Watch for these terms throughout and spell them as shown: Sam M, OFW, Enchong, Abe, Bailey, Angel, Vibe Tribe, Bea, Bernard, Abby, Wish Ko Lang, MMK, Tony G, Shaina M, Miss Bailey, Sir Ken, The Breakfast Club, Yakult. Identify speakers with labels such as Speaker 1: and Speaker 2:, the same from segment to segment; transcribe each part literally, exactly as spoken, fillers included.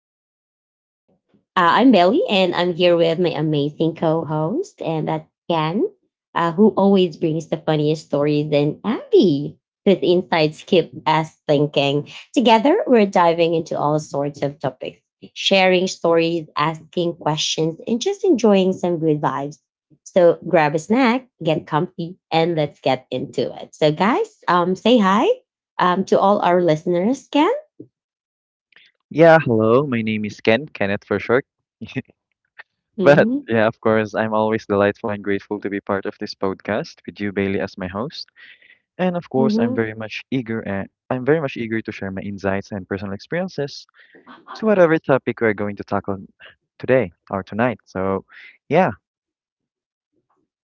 Speaker 1: the Vibe Tribe. Uh, I'm Belly and I'm here with my amazing co host, and that's Ken, uh, who always brings the funniest stories, and Abby, whose insights keep us thinking. Together, we're diving into all sorts of topics, sharing stories, asking questions, and just enjoying some good vibes. So grab a snack, get comfy, and let's get into it. So, guys, um, say hi um, to all our listeners, Ken.
Speaker 2: Yeah, hello. My name is Ken, Kenneth for short. But yeah, of course, I'm always delightful and grateful to be part of this podcast with you, Bailey, as my host. And of course, I'm
Speaker 1: Mhm.
Speaker 2: very much eager and I'm very much eager to share my insights and personal experiences to whatever topic we're going to tackle today or tonight. So, yeah,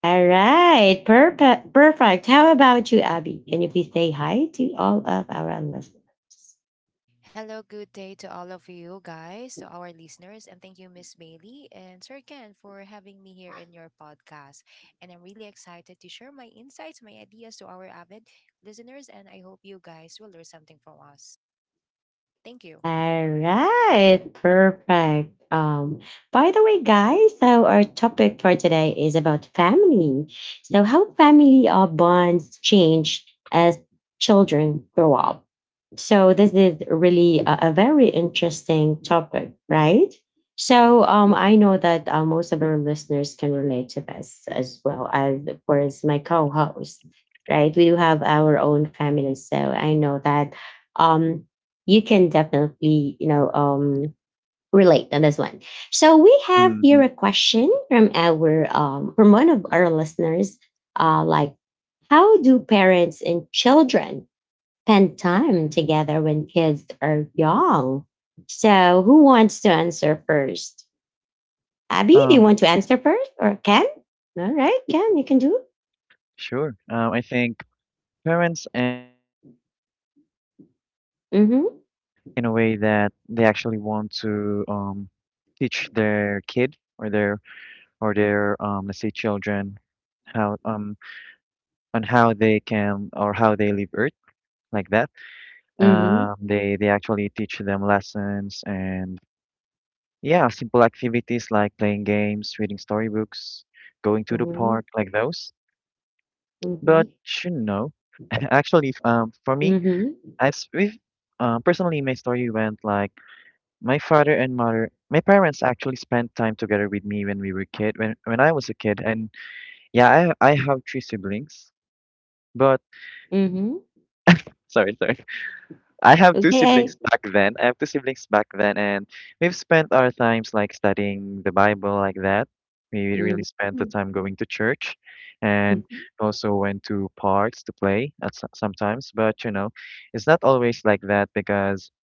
Speaker 1: All right. Perfect. Perfect. How about you, Abby? Can you please say hi to all of our listeners?
Speaker 3: Hello, good day to all of you guys, to our listeners, and thank you, Miss Bailey and Sir Ken, for having me here in your podcast. And I'm really excited to share my insights, my ideas to our avid listeners, and I hope you guys will learn something from us. Thank you.
Speaker 1: All right, perfect. Um, by the way, guys, so our topic for today is about family. So, how family uh, bonds change as children grow up. So this is really a, a very interesting topic, right?
Speaker 2: yeah,
Speaker 1: So
Speaker 2: yeah.
Speaker 1: um, I know that uh, most of our listeners can relate to this as well as, of course, my co-host, right? We do have our own family, so I know that um, you can definitely, you know, um, relate on this one. So we have here
Speaker 2: hmm
Speaker 1: a question from our um, from one of our listeners, uh, like, how do parents and children spend time together when kids are young. So, who wants to answer first? Abby, do you
Speaker 2: Um,
Speaker 1: want to answer first or Ken? All right, Ken, you can do it.
Speaker 2: sure. Um, I think parents and children actually spend time together when kids are
Speaker 1: Mm-hmm.
Speaker 2: young in a way that they actually want to um, teach their kid or their or their um, let's say children how um on how they can or how they leave Earth like that.
Speaker 1: Mm-hmm.
Speaker 2: Um, they they actually teach them lessons and yeah, simple activities like playing games, reading storybooks, going to the
Speaker 1: Mm-hmm.
Speaker 2: park, like those.
Speaker 1: Mm-hmm.
Speaker 2: But you know, actually, um, for me,
Speaker 1: Mm-hmm.
Speaker 2: I've s- we've, um, personally my story went like. My father and mother, my parents actually spent time together with me when we were kid, when when I was a kid, and yeah, I I have three siblings, but
Speaker 1: Mm-hmm.
Speaker 2: sorry, sorry, I have two siblings
Speaker 1: Okay.
Speaker 2: back then. I have two siblings back then, and we've spent our times like studying the Bible like that. We really spent the
Speaker 1: Mm-hmm.
Speaker 2: time going to church, and
Speaker 1: Mm-hmm.
Speaker 2: also went to parks to play at so- sometimes. But you know, it's not always like that because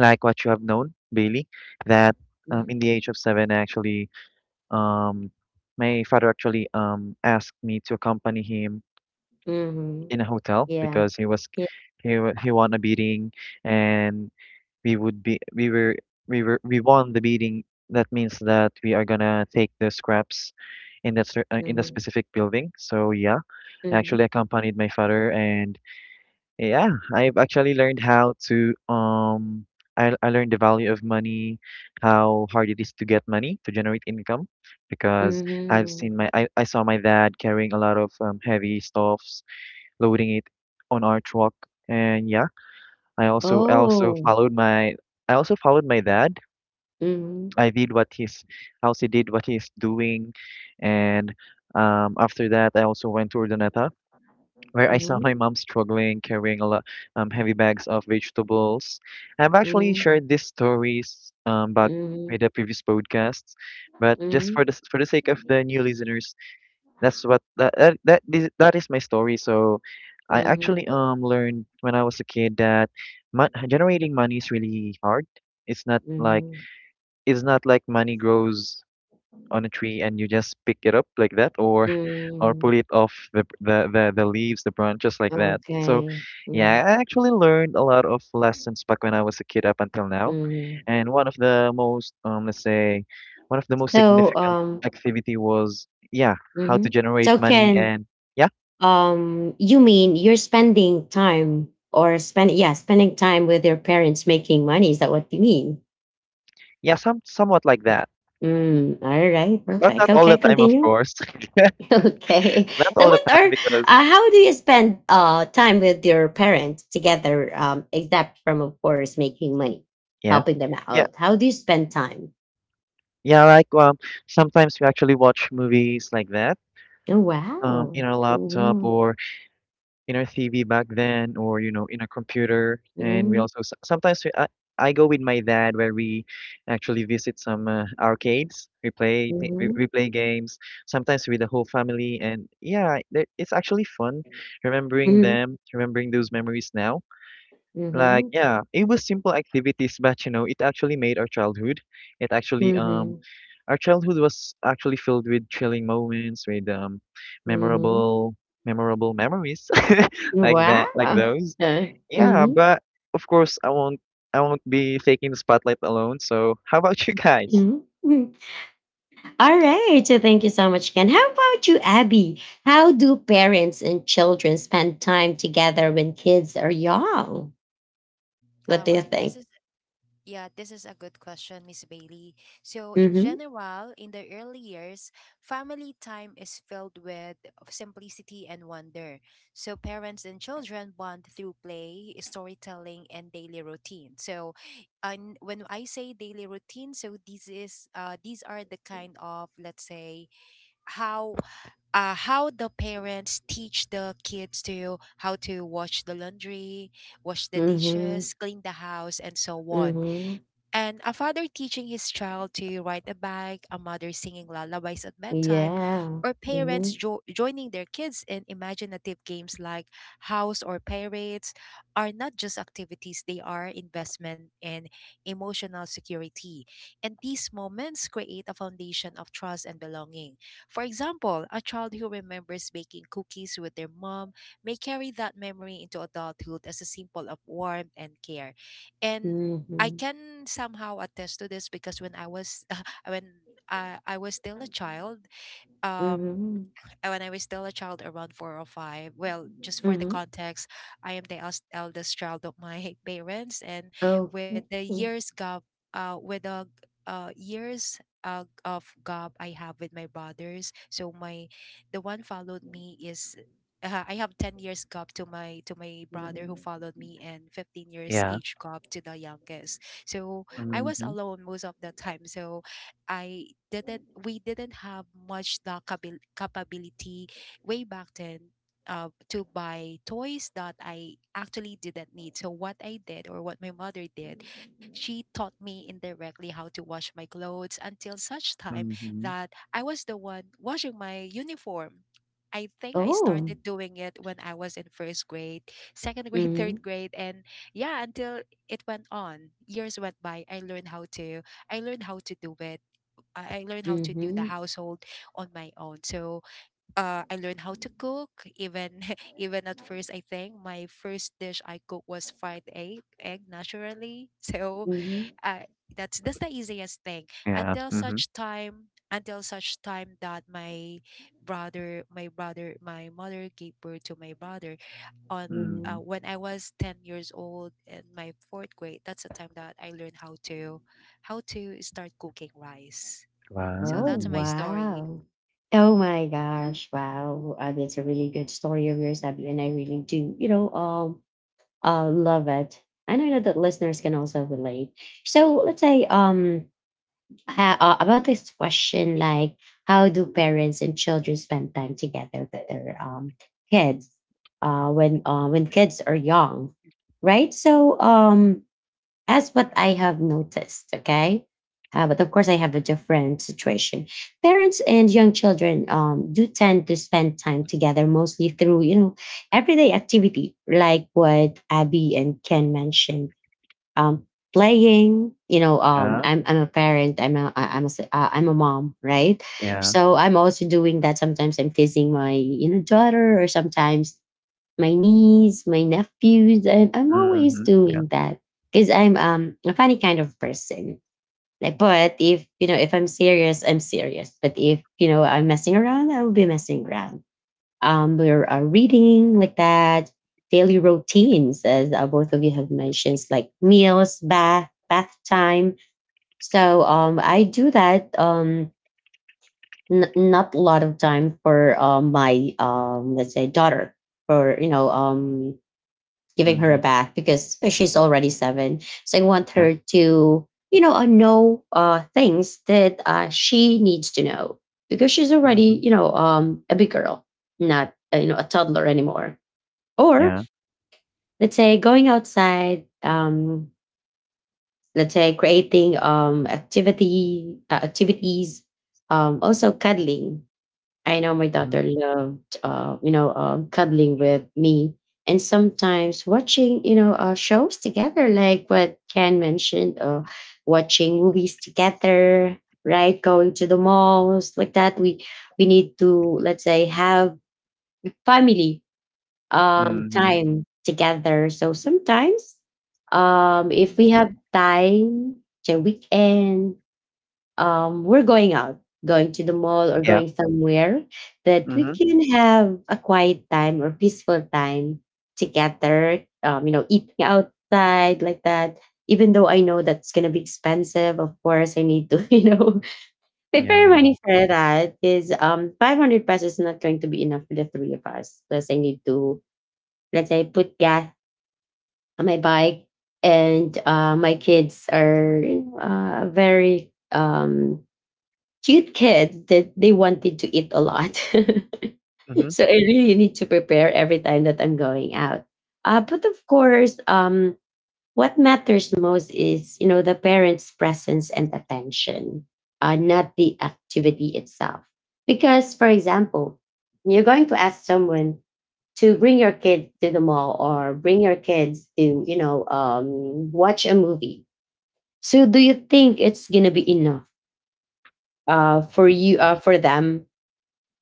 Speaker 2: like what you have known, Bailey, that um, in the age of seven, I actually Um, my father actually um asked me to accompany him
Speaker 1: Mm-hmm.
Speaker 2: in a hotel
Speaker 1: Yeah.
Speaker 2: because he was
Speaker 1: Yeah.
Speaker 2: he wa- he won a beating and we would be we were we were we won the beating. That means that we are gonna take the scraps in that cer- uh, in the
Speaker 1: Mm-hmm.
Speaker 2: specific building. So yeah, I
Speaker 1: Mm-hmm.
Speaker 2: actually accompanied my father and yeah, I've actually learned how to um I I learned the value of money, how hard it is to get money to generate income because I've
Speaker 1: Mm-hmm.
Speaker 2: seen my I, I saw my dad carrying a lot of um, heavy stuffs, loading it on our truck and yeah, I also I also
Speaker 1: Oh.
Speaker 2: followed my I also followed my dad.
Speaker 1: Mm-hmm.
Speaker 2: I did what he's I also did what he's doing and um after that I also went to Urdaneta where I saw
Speaker 1: Mm-hmm.
Speaker 2: my mom struggling carrying a lot um, heavy bags of vegetables. I've actually
Speaker 1: Mm-hmm.
Speaker 2: shared these stories um, back
Speaker 1: Mm-hmm.
Speaker 2: with the previous podcasts, but just
Speaker 1: Mm-hmm.
Speaker 2: for the for the sake of the new listeners, that's what that that that is, that is my story. So I
Speaker 1: Mm-hmm.
Speaker 2: actually um learned when I was a kid that mon- generating money is really hard. It's not like
Speaker 1: mm-hmm.
Speaker 2: it's not like money grows on a tree and you just pick it up like that or or pull
Speaker 1: Mhm.
Speaker 2: it off the the the, the leaves, the branches like that. So
Speaker 1: Okay.
Speaker 2: yeah,
Speaker 1: Mm,
Speaker 2: I actually learned a lot of lessons back when I was a kid up until now.
Speaker 1: mhm.
Speaker 2: And one of the most um let's say one of the most
Speaker 1: So,
Speaker 2: significant
Speaker 1: um,
Speaker 2: activity was yeah, how to
Speaker 1: mhm.
Speaker 2: generate
Speaker 1: so
Speaker 2: money
Speaker 1: can
Speaker 2: and yeah,
Speaker 1: um, You mean you're spending time or spend yeah spending time with your parents making money? Is that what you mean?
Speaker 2: yeah, some somewhat like that.
Speaker 1: Mm, all right,
Speaker 2: But not
Speaker 1: perfect.
Speaker 2: all the
Speaker 1: Okay,
Speaker 2: time, of
Speaker 1: continue.
Speaker 2: course.
Speaker 1: Okay.
Speaker 2: Not
Speaker 1: So,
Speaker 2: all the
Speaker 1: what are
Speaker 2: time because
Speaker 1: uh, How do you spend uh time with your parents together? Um, except from of course making money,
Speaker 2: yeah.
Speaker 1: helping them
Speaker 2: Yeah,
Speaker 1: out. How do you spend time?
Speaker 2: yeah, like um, sometimes we actually watch movies like that
Speaker 1: Oh
Speaker 2: um, in
Speaker 1: wow.
Speaker 2: our laptop
Speaker 1: Mm-hmm.
Speaker 2: or in our T V back then, or you know, in our computer. And we
Speaker 1: Mhm,
Speaker 2: also s- sometimes we, I, I go with my dad where we actually visit some uh, arcades. We play thi- we,
Speaker 1: mhm,
Speaker 2: we play games sometimes with the whole family, and yeah, there- it's actually fun remembering
Speaker 1: mhm,
Speaker 2: them, remembering those memories now. Like,
Speaker 1: mhm,
Speaker 2: yeah, it was simple activities, but you know, it actually made our childhood. It actually um
Speaker 1: mhm,
Speaker 2: our childhood was actually filled with thrilling moments, with um
Speaker 1: mhm.
Speaker 2: memorable memorable memories like
Speaker 1: Wow.
Speaker 2: that, like
Speaker 1: Uh,
Speaker 2: those. Yeah,
Speaker 1: mhm,
Speaker 2: but of course I won't I won't be taking the spotlight alone. So how about you guys?
Speaker 1: mhm, mhm. All right. So thank you so much, Ken. How about you, Abby? How do parents and children spend time together when kids are young?
Speaker 3: All
Speaker 1: What do
Speaker 3: right,
Speaker 1: you
Speaker 3: this is
Speaker 1: think?
Speaker 3: Yeah, this is a good question, Miss Bailey. So, in
Speaker 1: Mm-hmm.
Speaker 3: general, in the early years, family time is filled with simplicity and wonder. So, parents and children bond through play, storytelling, and daily routine. So, and when I say daily routine, so this is uh, these are the kind of, let's say, how uh, how the parents teach the kids to how to wash the laundry, wash the
Speaker 1: Mm-hmm.
Speaker 3: dishes, clean the house, and so on.
Speaker 1: Mm-hmm.
Speaker 3: And a father teaching his child to ride a bike, a mother singing lullabies at bedtime,
Speaker 1: Yeah.
Speaker 3: or parents
Speaker 1: Mm-hmm.
Speaker 3: jo- joining their kids in imaginative games like house or pirates are not just activities, they are investment in emotional security. And these moments create a foundation of trust and belonging. For example, a child who remembers baking cookies with their mom may carry that memory into adulthood as a symbol of warmth and care. And I
Speaker 1: Mm-hmm.
Speaker 3: can somehow attest to this because when I was when I, I was still a child, um,
Speaker 1: Mm-hmm.
Speaker 3: uh, when I was still a child, around four or five. Well, just for the
Speaker 1: Mm-hmm.
Speaker 3: context, I am the els- eldest child of my parents, and with
Speaker 1: Okay.
Speaker 3: the years gap, uh, with the uh, years uh, of gap I have with my brothers, so my the one followed me is. Uh, I have ten years gap to my to my brother who
Speaker 1: Mm-hmm.
Speaker 3: followed me and fifteen years
Speaker 2: Yeah.
Speaker 3: age gap to the youngest. So I was
Speaker 2: Mm-hmm.
Speaker 3: alone most of the time. So I didn't we didn't have much the cabil- capability way back then uh, to buy toys that I actually didn't need. So what I did or what my mother did, she taught me indirectly how to wash my clothes until such time
Speaker 2: Mm-hmm.
Speaker 3: that I was the one washing my uniform. I think I
Speaker 1: Oh.
Speaker 3: started doing it when I was in first grade, second grade, third grade, and yeah, until it went on. Years went by. I learned how to. I learned how to do it. I I learned how to do
Speaker 1: Mm-hmm.
Speaker 3: the household on my own. So uh, I learned how to cook. Even even at first, I think my first dish I cooked was fried egg, egg naturally. So
Speaker 1: Mhm,
Speaker 3: uh, that's that's the easiest thing
Speaker 2: Yeah.
Speaker 3: until
Speaker 2: Mm-hmm.
Speaker 3: such time until such time that my brother my brother my mother gave birth to my brother on
Speaker 1: mhm.
Speaker 3: uh,
Speaker 2: Mm-hmm.
Speaker 3: when I was ten years old in my fourth grade. That's the time that I learned how to how to start cooking rice. So
Speaker 1: Oh,
Speaker 3: that's my
Speaker 2: Wow.
Speaker 3: story.
Speaker 1: wow. Oh my gosh. Wow. Uh, that's a really good story of yours, Abby. And I really do, you know, um, uh, love it. And I know that listeners can also relate. So let's say, um, ha- uh, about this question, like, how do parents and children spend time together with their um kids, uh, when uh when kids are young, right? So, um, That's what I have noticed. Okay. Uh, but of course, I have a different situation. Parents and young children um, do tend to spend time together mostly through, you know, everyday activity, like what Abby and Ken mentioned. Um, Playing, you know, um,
Speaker 2: Yeah.
Speaker 1: I'm, I'm a parent, I'm a, I- I'm a, s- uh, I'm a mom, right?
Speaker 2: Yeah.
Speaker 1: So I'm also doing that. Sometimes I'm teasing my, you know, daughter or sometimes my niece, my nephews, and I'm always
Speaker 2: Mm-hmm. Yeah.
Speaker 1: doing that because I'm um a funny kind of person. Like, but if you know, if I'm serious, I'm serious. But if you know, I'm messing around, I will be messing around. Um, we're uh, reading like that, daily routines, as uh, both of you have mentioned, like meals, bath, bath time. So um, I do that um n- not a lot of time for uh, my um let's say daughter for you know um giving her a
Speaker 2: Mm-hmm.
Speaker 1: bath because uh, she's already seven. So I want
Speaker 2: Yeah.
Speaker 1: her to, you know, uh, know uh, things that uh, she needs to know because she's
Speaker 2: Mm-hmm.
Speaker 1: already, you know, um, a big girl, not uh, you know a toddler anymore. Or
Speaker 2: Yeah.
Speaker 1: let's say going outside, um, let's say creating um, activity uh, activities, um, also cuddling. I know my daughter loved, uh, you know, um, cuddling with me, and sometimes watching, you know, uh, shows together, like what Ken mentioned, uh, watching movies together, right? Going to the malls like that. We we need to let's say have family um,
Speaker 2: Mhm.
Speaker 1: time together. So sometimes, um, if we have time, say weekend um, we're going out, going to the mall or
Speaker 2: Yeah.
Speaker 1: going somewhere that we
Speaker 2: Mhm.
Speaker 1: can have a quiet time or peaceful time together, um, you know, eating outside like that. Even though I know that's gonna be expensive, of course, I need to, you know, prepare
Speaker 2: Yeah.
Speaker 1: money for that. Is um five hundred pesos is not going to be enough for the three of us. Plus, I need to let's say put gas on my bike, and uh, my kids are you know, uh, very um cute kid that they wanted to eat a lot.
Speaker 2: Mhm.
Speaker 1: So I really need to prepare every time that I'm going out. Uh, but of course, um, what matters most is you know the parents' presence and attention, uh, not the activity itself. Because, for example, you're going to ask someone to bring your kid to the mall or bring your kids to you know um, watch a movie. So, do you think it's gonna be enough uh, for you uh, for them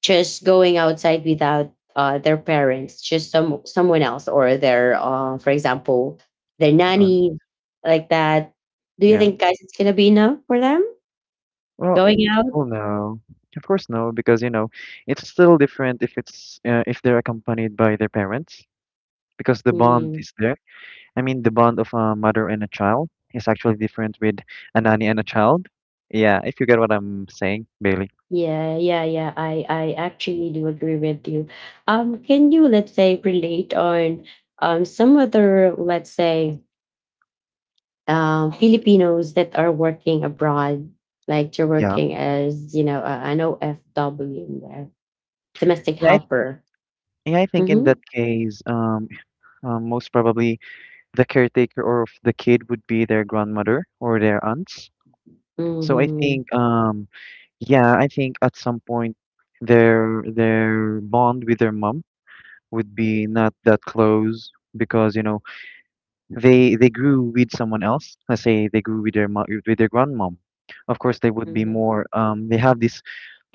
Speaker 1: just going outside without uh, their parents, just some someone else or their, uh, for example, their
Speaker 2: Uh,
Speaker 1: nanny, like that. Do you
Speaker 2: yeah.
Speaker 1: think, guys, it's gonna be enough for them
Speaker 2: Well, it,
Speaker 1: going out?
Speaker 2: well, no. Of course, no, because you know, it's still different if it's uh, if they're accompanied by their parents, because the bond
Speaker 1: Mm,
Speaker 2: is there. I mean, the bond of a mother and a child is actually different with a nanny and a child. Yeah, if you get what I'm saying, Bailey.
Speaker 1: yeah, yeah, yeah. I I actually do agree with you. Um, can you let's say relate on um some other let's say um Filipinos that are working abroad, like you're
Speaker 2: Yeah.
Speaker 1: working as you know uh, an O F W, uh, domestic
Speaker 2: Yeah. I,
Speaker 1: helper.
Speaker 2: yeah. I think in that
Speaker 1: Mhm.
Speaker 2: case, um, um, most probably the caretaker or of the kid would be their grandmother or their aunts. So I
Speaker 1: Mhm.
Speaker 2: think, um, yeah, I think at some point their their bond with their mom would be not that close because you know they they grew with someone else. Let's say they grew with their mo- with their grandmom. Of course, they would be
Speaker 1: Mhm.
Speaker 2: more. Um, they have this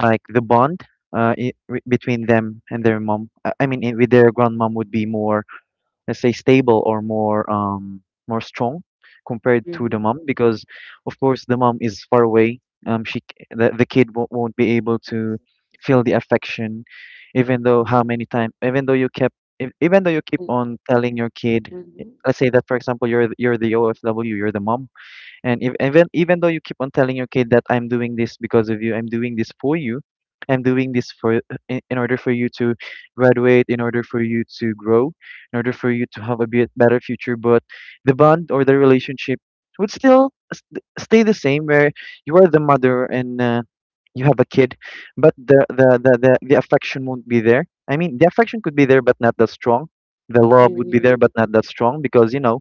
Speaker 2: like the bond uh i- re- between them and their mom. I I mean, i- with their grandmom would be more let's say stable or more um more strong compared to the
Speaker 1: Mhm.
Speaker 2: mom because of course the mom is far away um she c- the, the kid won't, won't be able to feel the affection even though how
Speaker 1: Mhm.
Speaker 2: many times even though you kept ev- even though you keep
Speaker 1: Mm.
Speaker 2: on telling your kid
Speaker 1: Mhm.
Speaker 2: let's say that for example you're th- you're the O F W you're the mom and if, even even though you keep on telling your kid that I'm doing this because of you, I'm doing this for you, I'm doing this for in, in order for you to graduate, in order for you to grow, in order for you to have a bit better future, but the bond or the relationship would still s- stay the same where you are the mother and uh, you have a kid, but the, the, the, the, the affection won't be there. I mean, the affection could be there, but not that strong. The love would be
Speaker 1: Mhm.
Speaker 2: there, but not that strong because, you know,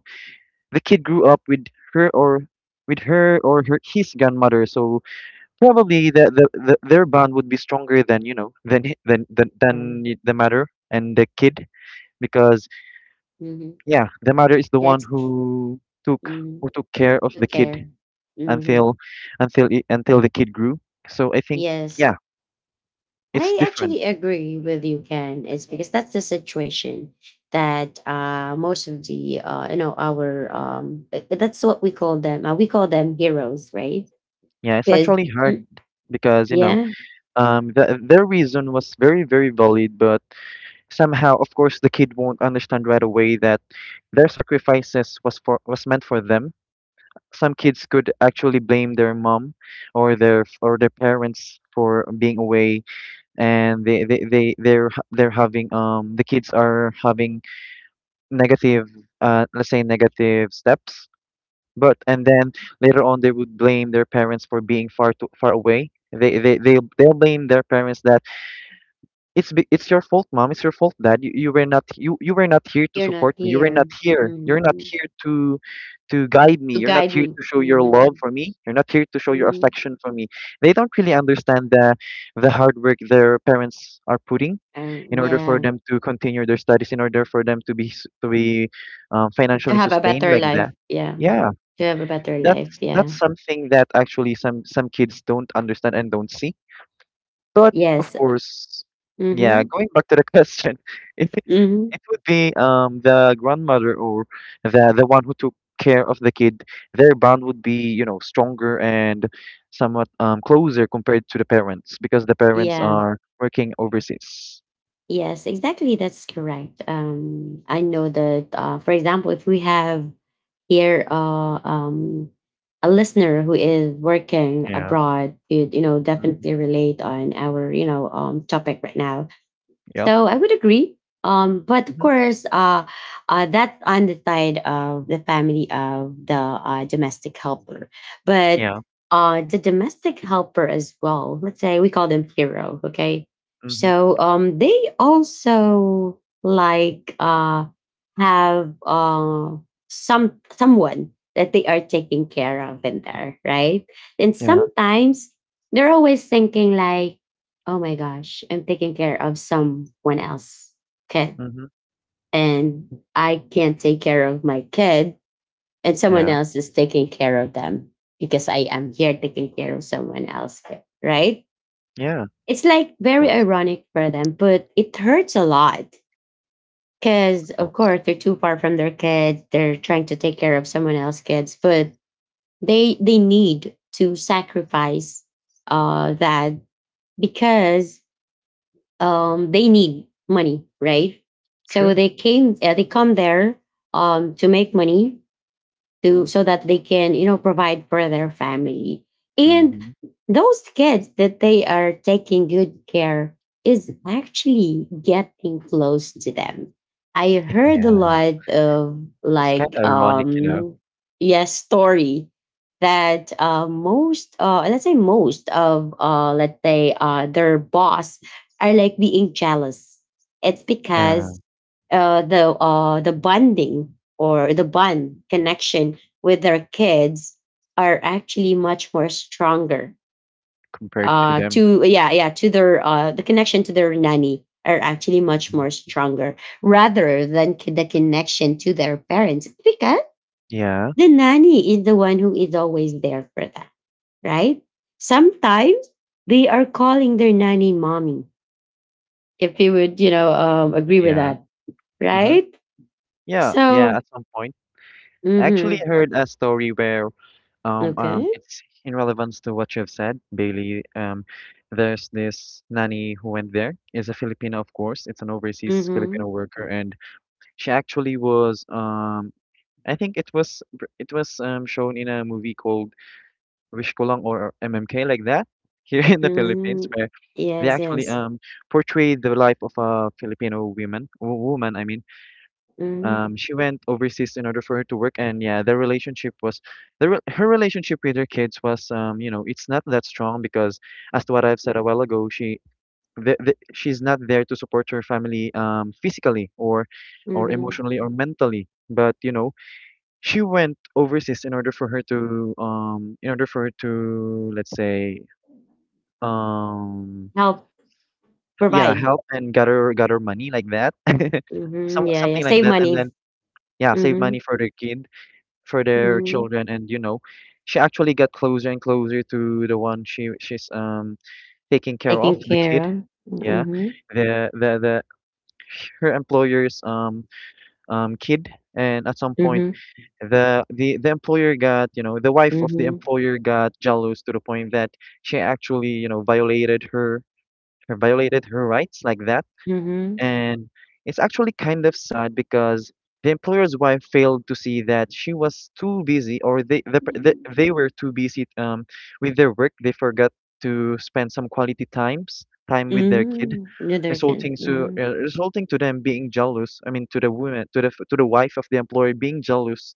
Speaker 2: the kid grew up with her or with her or her his grandmother so probably the, the, the their bond would be stronger than you know than hi- than than, than
Speaker 1: Um,
Speaker 2: y- the mother and the kid because
Speaker 1: mhm.
Speaker 2: yeah the mother is the one
Speaker 1: That's
Speaker 2: who took who
Speaker 1: Mhm.
Speaker 2: took care of
Speaker 1: To
Speaker 2: the kid
Speaker 1: care. Mhm.
Speaker 2: until until i- until the kid grew so I think
Speaker 1: Yes.
Speaker 2: yeah it's
Speaker 1: I
Speaker 2: different
Speaker 1: actually agree with you, Ken. It's because that's the situation that uh, most of the uh, you know our um th- that's what we call them. Uh, we call them heroes, right?
Speaker 2: yeah it's
Speaker 1: Because
Speaker 2: actually hard because you know
Speaker 1: yeah,
Speaker 2: um the, their reason was very very valid but somehow, of course, the kid won't understand right away that their sacrifices was for was meant for them. Some kids could actually blame their mom or their or their parents for being away, and they they they they're ha- they're having um the kids are having negative uh let's say negative steps. But and then later on they would blame their parents for being far too far away. They they they they'll they'll blame their parents that it's be- it's your fault, mom. It's your fault, dad. You, you were not you you were not here to
Speaker 1: you're not
Speaker 2: support me. You were not
Speaker 1: here
Speaker 2: here. You're not
Speaker 1: hmm
Speaker 2: here to to guide me.
Speaker 1: to
Speaker 2: You're not
Speaker 1: guide
Speaker 2: here
Speaker 1: me.
Speaker 2: to show your love
Speaker 1: Hmm
Speaker 2: for me. You're not here to show your affection for me. They don't really understand the the hard work their parents are putting
Speaker 1: Um,
Speaker 2: in order for
Speaker 1: yeah,
Speaker 2: them to continue their studies, in order for them to be s- to be um,
Speaker 1: to
Speaker 2: financially
Speaker 1: have a
Speaker 2: sustained
Speaker 1: better
Speaker 2: like that.
Speaker 1: life. Yeah,
Speaker 2: Yeah,
Speaker 1: to have a better life.
Speaker 2: that's that's
Speaker 1: Yeah.
Speaker 2: something that actually some some kids don't understand and don't see but of
Speaker 1: Yes.
Speaker 2: course, yeah,
Speaker 1: Mm-hmm.
Speaker 2: going back to the question, it,
Speaker 1: Mm-hmm.
Speaker 2: it would be um the grandmother or the the one who took care of the kid, their bond would be, you know, stronger and somewhat um closer compared to the parents because the parents
Speaker 1: Yeah.
Speaker 2: are working overseas.
Speaker 1: Yes. Exactly. That's correct. Um, I know that. Uh, for example, if we have here, uh, um, a listener who is working
Speaker 2: Yeah.
Speaker 1: abroad, it you know
Speaker 2: Hmm.
Speaker 1: definitely relate on our you know um topic right now.
Speaker 2: Yeah.
Speaker 1: So I would agree. Um, but of
Speaker 2: Hmm.
Speaker 1: course, uh, uh, that's on the side of the family of the uh, domestic helper. But
Speaker 2: Yeah.
Speaker 1: uh, the domestic helper as well, let's say we call them hero, okay?
Speaker 2: Hmm.
Speaker 1: So um, they also like uh, have uh, some someone that they are taking care of in there, right? And
Speaker 2: Yeah.
Speaker 1: sometimes they're always thinking like, oh my gosh, I'm taking care of someone else kid
Speaker 2: Hmm.
Speaker 1: and I can't take care of my kid and someone
Speaker 2: Yeah.
Speaker 1: else is taking care of them because I am here taking care of someone else, kid, right?
Speaker 2: Yeah. Of
Speaker 1: It's like very
Speaker 2: course.
Speaker 1: ironic for them, but it hurts a lot
Speaker 2: Of
Speaker 1: because of
Speaker 2: course.
Speaker 1: course they're too far from their kids. They're trying to take care of someone else's kids, but they they need to sacrifice uh that because um, they need money, right? So
Speaker 2: True.
Speaker 1: they came, uh, they come there um, to make money, to so that they can you know provide for their family, and
Speaker 2: Hmm.
Speaker 1: those kids that they are taking good care is actually getting close to them. I heard a
Speaker 2: Yeah.
Speaker 1: lot of,
Speaker 2: It's kind
Speaker 1: like
Speaker 2: of ironic, you know.
Speaker 1: um yes story that uh most uh let's say most of uh let's say uh their boss are like being jealous. It's
Speaker 2: Yeah.
Speaker 1: because uh the uh the bonding or the bond connection with their kids are actually much more stronger,
Speaker 2: Compared to
Speaker 1: uh
Speaker 2: them.
Speaker 1: to yeah, yeah, to their uh the connection to their nanny are actually much
Speaker 2: Mhm.
Speaker 1: more stronger rather than c- the connection to their parents because
Speaker 2: Yeah.
Speaker 1: the nanny is the one who is always there for them, right? Sometimes they are calling their nanny mommy if you would you know um, agree with
Speaker 2: Yeah.
Speaker 1: that,
Speaker 2: Mm-hmm.
Speaker 1: right?
Speaker 2: Yeah. Yeah.
Speaker 1: So
Speaker 2: At some point, I actually
Speaker 1: mm-hmm.
Speaker 2: heard a story where um
Speaker 1: Okay.
Speaker 2: um it's in relevance to what you've said, Bailey. Um, there's this nanny who went there. Is a Filipino, of course. It's an overseas
Speaker 1: Mm-hmm.
Speaker 2: Filipino worker, and she actually was um. I think it was br- it was um, shown in a movie called Wish Ko Lang or M M K like that here in the Philippines
Speaker 1: Mhm.
Speaker 2: where they
Speaker 1: Yes,
Speaker 2: actually
Speaker 1: yes.
Speaker 2: um portrayed the life of a Filipino woman w- woman I mean
Speaker 1: Mhm,
Speaker 2: Um, she went overseas in order for her to work, and yeah, their relationship was, the re- her relationship with her kids was, um, you know, it's not that strong because, as to what I've said a while ago, she, the, the, she's not there to support her family, um, physically or, or
Speaker 1: mhm.
Speaker 2: emotionally or mentally. But you know, she went overseas in order for her to, um, in order for her to, let's say, um,
Speaker 1: Help
Speaker 2: yeah,
Speaker 1: provide.
Speaker 2: help and gather gather money like that,
Speaker 1: Mhm,
Speaker 2: some
Speaker 1: yeah, yeah.
Speaker 2: something like
Speaker 1: Save
Speaker 2: that, and
Speaker 1: money.
Speaker 2: then yeah, save
Speaker 1: Mhm,
Speaker 2: money for their kid for their
Speaker 1: mhm.
Speaker 2: children, and you know she actually got closer and closer to the one she she's um taking care of
Speaker 1: Taking
Speaker 2: the
Speaker 1: care
Speaker 2: kid,
Speaker 1: of.
Speaker 2: yeah,
Speaker 1: Mhm,
Speaker 2: the the, the her employer's um um kid. And at some point,
Speaker 1: mhm,
Speaker 2: the the the employer got, you know, the wife of the
Speaker 1: mhm,
Speaker 2: employer got jealous to the point that she actually, you know, violated her her violated her rights like that.
Speaker 1: mhm,
Speaker 2: And it's actually kind of sad because the employer's wife failed to see that she was too busy, or they the, per- the, they were too busy, um, with their work. They forgot to spend some quality times time with their kid,
Speaker 1: mhm. The other can.
Speaker 2: resulting to
Speaker 1: Mhm.
Speaker 2: uh, resulting to them being jealous. I mean, to the woman, to the f- to the wife of the employer being jealous.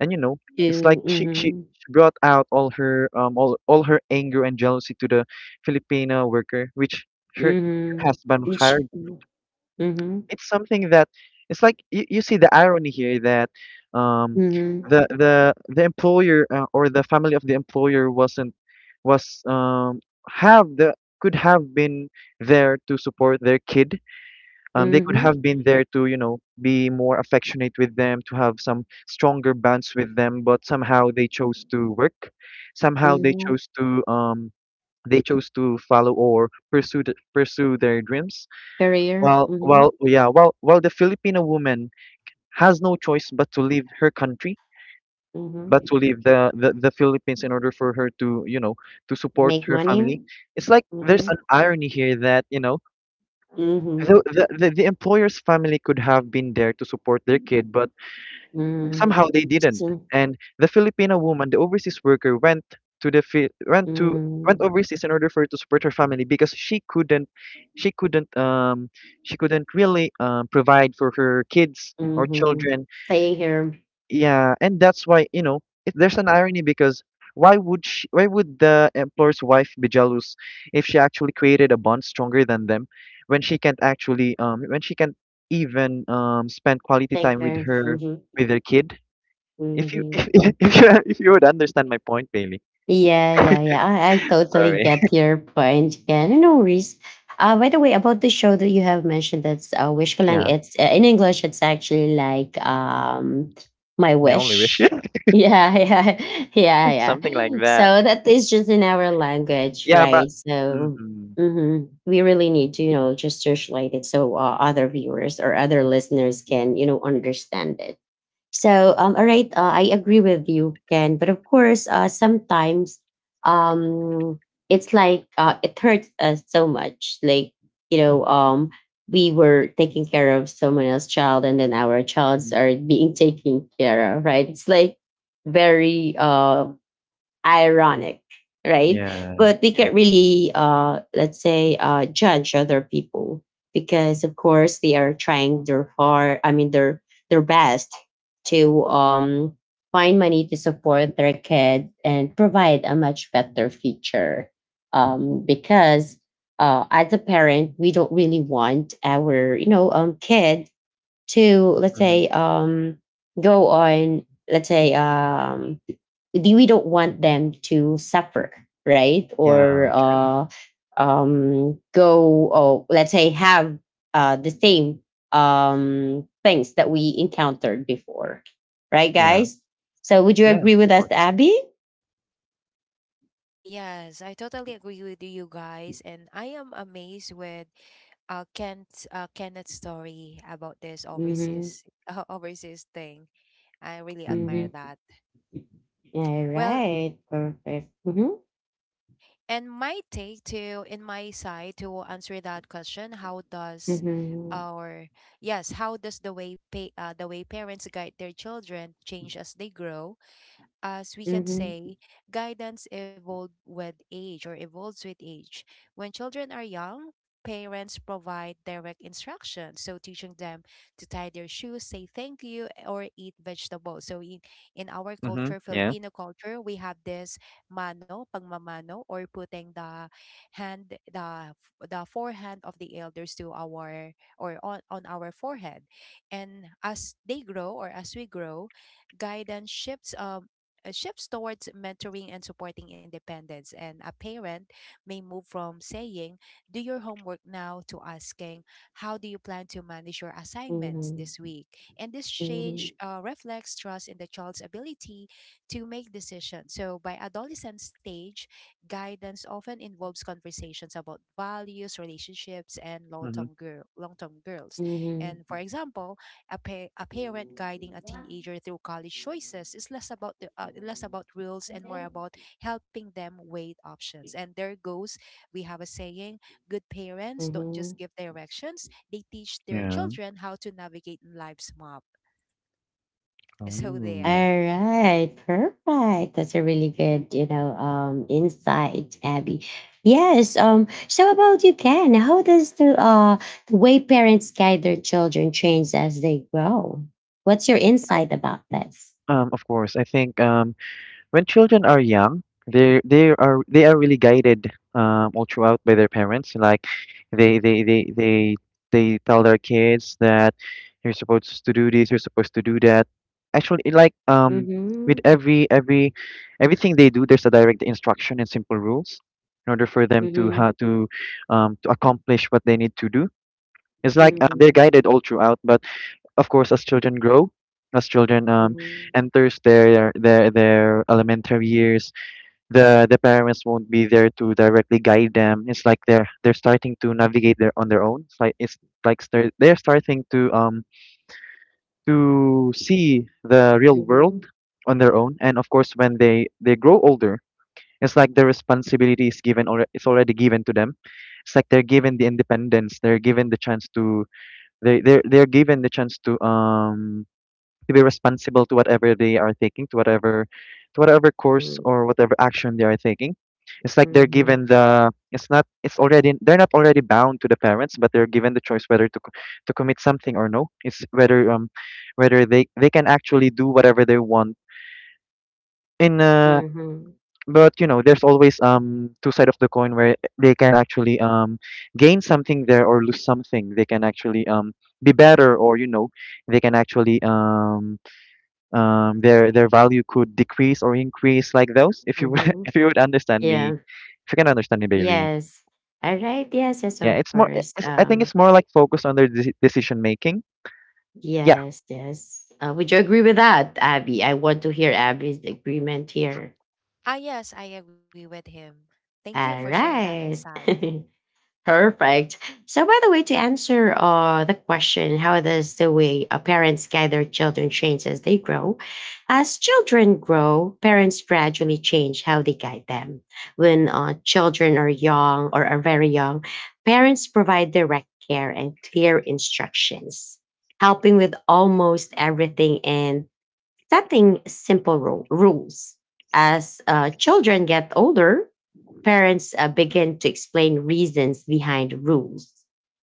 Speaker 2: And you know, it's
Speaker 1: Do.
Speaker 2: like she she.
Speaker 1: Mhm,
Speaker 2: she brought out all her um all, all her anger and jealousy to the Filipino worker, which her
Speaker 1: mhm.
Speaker 2: husband
Speaker 1: Each.
Speaker 2: hired.
Speaker 1: Mhm, mhm,
Speaker 2: It's something that it's like you, you see the irony here that, um
Speaker 1: mhm,
Speaker 2: the the the employer, uh, or the family of the employer, wasn't was um have the could have been there to support their kid. Um they could
Speaker 1: mhm.
Speaker 2: have been there to, you know, be more affectionate with them, to have some stronger bonds with them, but somehow they chose to work, somehow they
Speaker 1: mhm.
Speaker 2: chose to, um they chose to follow or pursue th- pursue their dreams.
Speaker 1: Career.
Speaker 2: Well,
Speaker 1: Mhm,
Speaker 2: well, yeah, well, well, the Filipino woman has no choice but to leave her country, but to
Speaker 1: mhm.
Speaker 2: leave the, the, the Philippines in order for her to, you know, to support
Speaker 1: Make
Speaker 2: her
Speaker 1: money.
Speaker 2: family. It's like there's
Speaker 1: Mhm,
Speaker 2: an irony here that, you know,
Speaker 1: mhm,
Speaker 2: the, the, the, the employer's family could have been there to support their kid, but
Speaker 1: mhm.
Speaker 2: somehow they didn't.
Speaker 1: So.
Speaker 2: And the Filipino woman, the overseas worker, went to the Fi- went to went
Speaker 1: Mhm.
Speaker 2: overseas in order for her to support her family because she couldn't, she couldn't um she couldn't really, um provide for her kids or
Speaker 1: Mhm.
Speaker 2: children.
Speaker 1: Staying here,
Speaker 2: Yeah, and that's why, you know, it, there's an irony because why would she, why would the employer's wife be jealous if she actually created a bond stronger than them when she can't actually, um when she can't even, um spend quality
Speaker 1: take
Speaker 2: time with
Speaker 1: there.
Speaker 2: her
Speaker 1: Mhm.
Speaker 2: with her kid if you
Speaker 1: Mhm.
Speaker 2: if if if you if you would understand my point, Bailey.
Speaker 1: Yeah, yeah, yeah. I, I totally
Speaker 2: Sorry.
Speaker 1: get your point, Ken. No worries. Uh, by the way, about the show that you have mentioned, that's uh, Wish Ko Lang.
Speaker 2: Yeah,
Speaker 1: It's uh, in English. It's actually like um, my
Speaker 2: my only wish.
Speaker 1: wish. Yeah, yeah, yeah,
Speaker 2: Something like
Speaker 1: yeah.
Speaker 2: that.
Speaker 1: So that is just in our language,
Speaker 2: Yeah, but
Speaker 1: right? So
Speaker 2: mhm.
Speaker 1: hmm we really need to, you know, just search it so uh, other viewers or other listeners can, you know, understand it. So, um, all right, uh, I agree with you, Ken. But of course, uh, sometimes um, it's like uh, it hurts us so much. Like, you know, um, we were taking care of someone else's child, and then our childs
Speaker 2: Mhm.
Speaker 1: are being taken care of, right? It's like very, uh, ironic, right?
Speaker 2: Yeah,
Speaker 1: But we
Speaker 2: yeah.
Speaker 1: can't really, uh, let's say, uh, judge other people because, of course, they are trying their hard. I mean, their their best to um, find money to support their kid and provide a much better future. Um, because uh, as a parent, we don't really want our, you know, um, kid to, let's
Speaker 2: hmm
Speaker 1: say, um go on, let's say, um do- we don't want them to suffer, right?
Speaker 2: Yeah,
Speaker 1: Or
Speaker 2: true.
Speaker 1: uh um go, or let's say have uh the same um things that we encountered before, right,
Speaker 2: Yeah.
Speaker 1: guys? So would you
Speaker 2: Yeah, of
Speaker 1: agree with us,
Speaker 2: course.
Speaker 1: Abby?
Speaker 3: Ah, yes, I totally agree with you guys, and I am amazed with uh Kent uh Kenneth's story about this
Speaker 1: Mm-hmm,
Speaker 3: overseas uh, overseas thing. I really admire
Speaker 2: Hmm
Speaker 1: mm-hmm.
Speaker 3: that.
Speaker 1: All
Speaker 3: Well,
Speaker 1: right, perfect. Mm-hmm,
Speaker 3: and my take to in my side to answer that question, how does
Speaker 1: mm-hmm,
Speaker 3: our yes, how does the way pay, uh, the way parents guide their children change as they grow? As we can
Speaker 1: mm-hmm,
Speaker 3: say, guidance evolved with age or evolves with age. When children are young, parents provide direct instruction. So teaching them to tie their shoes, say thank you, or eat vegetables. So in, in our
Speaker 2: hmm
Speaker 3: culture,
Speaker 2: Yeah.
Speaker 3: Filipino culture, we have this mano, pagmamano, or putting the hand, the f- the forehand of the elders to our or on, on our forehead. And as they grow or as we grow, guidance shifts um uh, shifts towards mentoring and supporting independence. And a parent may move from saying, "Do your homework now," to asking, "How do you plan to manage your assignments this
Speaker 1: mm-hmm,
Speaker 3: week?" And this change
Speaker 1: mm-hmm.
Speaker 3: uh, reflects trust in the child's ability to make decisions. So, by adolescent stage, guidance often involves conversations about values, relationships, and long
Speaker 2: hmm
Speaker 3: term girl, long term girls. And for
Speaker 1: Mm-hmm.
Speaker 3: example, a, pa- a parent guiding a teenager through college choices is less about the uh, less about rules and more about helping them weigh options. And there goes, we have a saying: good parents
Speaker 1: Mhm.
Speaker 3: don't
Speaker 1: All
Speaker 3: just give directions; they teach their
Speaker 2: Yeah.
Speaker 3: children how to navigate in life's map. So
Speaker 2: Oh.
Speaker 3: there.
Speaker 1: right, perfect. That's a really good, you know, um, insight, Abby. Yes. Um. So about you, Ken. How does the uh the way parents guide their children change as they grow? What's your
Speaker 2: Yeah,
Speaker 1: insight about this?
Speaker 2: Um, of course. I think um when children are young, they they are they are really guided, um, all throughout by their parents. Like they they they they they tell their kids that you're supposed to do this, you're supposed to do that. Actually, it like um with
Speaker 1: Mm-hmm.
Speaker 2: every every everything they do, there's a direct instruction and simple rules in order for them to
Speaker 1: Mm-hmm.
Speaker 2: how to, um to accomplish what they need to do. It's like uh, they're
Speaker 1: Mm-hmm.
Speaker 2: guided all throughout, but of course, as children grow, as children, um,
Speaker 1: Mm-hmm.
Speaker 2: enters their their their elementary years, the the parents won't be there to directly guide them. It's like they're they're starting to navigate their on their own. It's like it's like they're they're starting to, um to see the real
Speaker 1: Mm-hmm.
Speaker 2: world on their own. And of course, when they they grow older, it's like the responsibility is given, or it's already given to them. It's like they're given the independence. They're given the chance to they they're they're given the chance to, um to be responsible to whatever they are taking, to whatever, to whatever course
Speaker 1: Mm-hmm.
Speaker 2: or whatever action they are taking. It's like they're
Speaker 1: Mm-hmm.
Speaker 2: given the. It's not. It's already. They're not already bound to the parents, but they're given the choice whether to co- to commit something or no. It's whether, um, whether they they can actually do whatever they want in uh. But you know, there's always, um two side of the coin where they can actually, um gain something there or lose something. They can actually, um be better, or you know they can actually, um um, their their value could decrease or increase, like those if you
Speaker 1: Mm-hmm.
Speaker 2: if you would understand me,
Speaker 1: Yeah.
Speaker 2: if you can understand me, Bailey.
Speaker 1: Yes. All right. Yes, yes,
Speaker 2: Yeah,
Speaker 1: of
Speaker 2: it's more,
Speaker 1: course.
Speaker 2: it's, I think
Speaker 1: Um,
Speaker 2: it's more like focused on their de- decision making. Yeah.
Speaker 1: yes, yes. Uh, would you agree with that, Abby? I want to hear Abby's agreement here.
Speaker 3: Ah, yes, I agree with him. Thank you for
Speaker 1: All
Speaker 3: sharing that
Speaker 1: right.
Speaker 3: insight.
Speaker 1: Perfect. So, by the way, to answer uh, the question, how does the way uh, parents guide their children change as they grow? As children grow, parents gradually change how they guide them. When uh, children are young or are very young, parents provide direct care and clear instructions, helping with almost everything and setting simple ru- rules. As uh, children get older, parents uh, begin to explain reasons behind rules,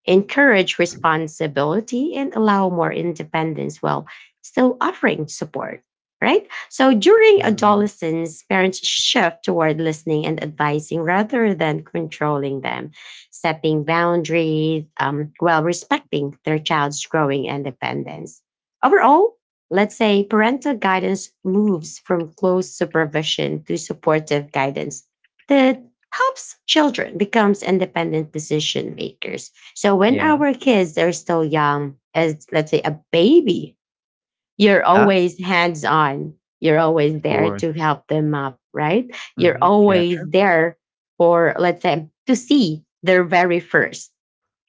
Speaker 1: encourage responsibility, and allow more independence while still offering support. Right? So during
Speaker 2: hmm
Speaker 1: adolescence, parents shift toward listening and advising rather than controlling them, setting boundaries um, while respecting their child's growing independence. Overall, let's say parental guidance moves from close supervision to supportive guidance that helps children becomes independent decision makers. So when
Speaker 2: yeah.
Speaker 1: our kids are still young, as let's say a baby, you're
Speaker 2: Yeah, of
Speaker 1: always hands on. You're always there
Speaker 2: course.
Speaker 1: to help them up, right? You're
Speaker 2: Mm-hmm. Yeah, true.
Speaker 1: always there, for let's say, to see their very first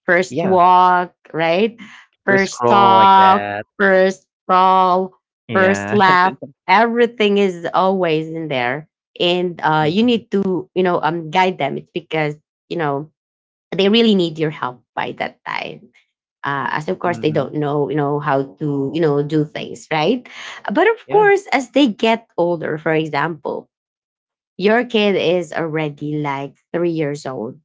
Speaker 1: first
Speaker 2: Yeah.
Speaker 1: walk, right?
Speaker 2: First
Speaker 1: First
Speaker 2: scroll like
Speaker 1: talk,
Speaker 2: that.
Speaker 1: first fall, first
Speaker 2: Yeah.
Speaker 1: laugh. Everything is always in there. And uh, you
Speaker 2: Mm-hmm.
Speaker 1: need to, you know, um, guide them. It's because, you know, they really need your help by that time. Uh, as of course they
Speaker 2: Mm-hmm.
Speaker 1: don't know, you know, how to, you know, do things, right? But of
Speaker 2: Yeah.
Speaker 1: course, as they get older, for example, your kid is already like three years old,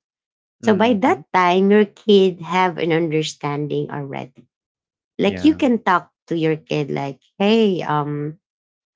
Speaker 1: so by
Speaker 2: Mm-hmm.
Speaker 1: that time, your kid have an understanding already. Like you
Speaker 2: Yeah.
Speaker 1: can talk to your kid like, "Hey, um,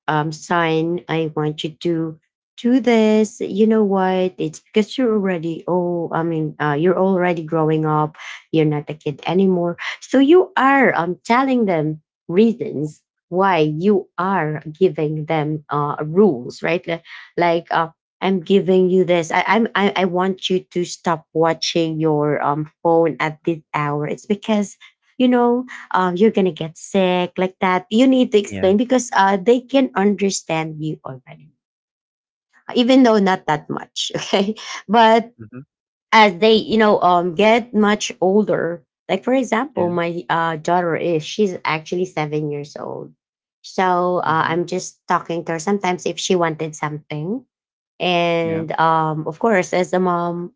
Speaker 1: um, sign I want you to do this. You know what? It's because you're already oh, I mean, uh, you're already growing up. You're not a kid anymore. So you are um telling them reasons why you are giving them uh rules, right? Li- Like uh, I'm giving you this. I, I'm I, I want you to stop watching your um phone at this hour. It's because you know um, you're gonna get sick like that. You need to
Speaker 2: Yeah.
Speaker 1: explain because uh, they can understand you already, even though not that much. Okay, but
Speaker 2: Mm-hmm.
Speaker 1: as they you know um, get much older, like for example
Speaker 2: Yeah.
Speaker 1: my uh, daughter is she's actually seven years old, so uh,
Speaker 2: Mm-hmm.
Speaker 1: I'm just talking to her sometimes if she wanted something.
Speaker 2: Yeah.
Speaker 1: And um of course, as a mom,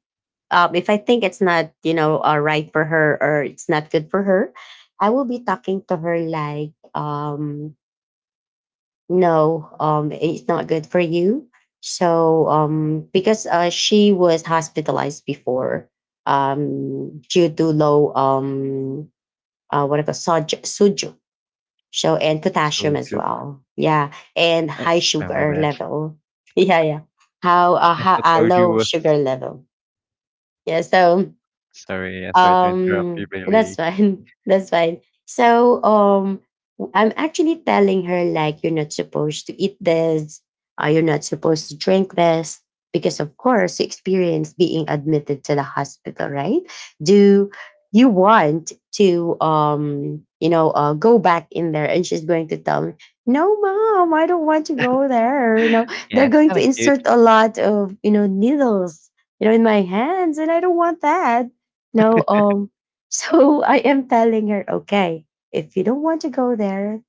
Speaker 1: um if I think it's not you know uh, right for her or it's not good for her, I will be talking to her like, um no, um it's not good for you, so um because uh, she was hospitalized before um due to low, um uh, what I call, soj- so, and potassium as
Speaker 2: Soju.
Speaker 1: well. Yeah, and
Speaker 2: I,
Speaker 1: high
Speaker 2: oh my
Speaker 1: sugar
Speaker 2: bad.
Speaker 1: level. Yeah, yeah. How uh,
Speaker 2: I
Speaker 1: how
Speaker 2: thought
Speaker 1: uh, low
Speaker 2: soju
Speaker 1: sugar
Speaker 2: was,
Speaker 1: level. Yeah. So
Speaker 2: sorry, yeah, sorry to interrupt you,
Speaker 1: um, that's
Speaker 2: Bailey.
Speaker 1: fine. That's fine. So, um, I'm actually telling her, like, you're not supposed to eat this, uh, you're not supposed to drink this because of course you experience being admitted to the hospital, right? Do you want to um you know uh, go back in there? And she's going to tell me, no mom I don't want to go there, you know
Speaker 2: Yeah,
Speaker 1: they're
Speaker 2: it's
Speaker 1: going to
Speaker 2: kinda cute.
Speaker 1: insert a lot of you know needles you know in my hands, and I don't want that. No, um, so I am telling her, okay, if you don't want to go there,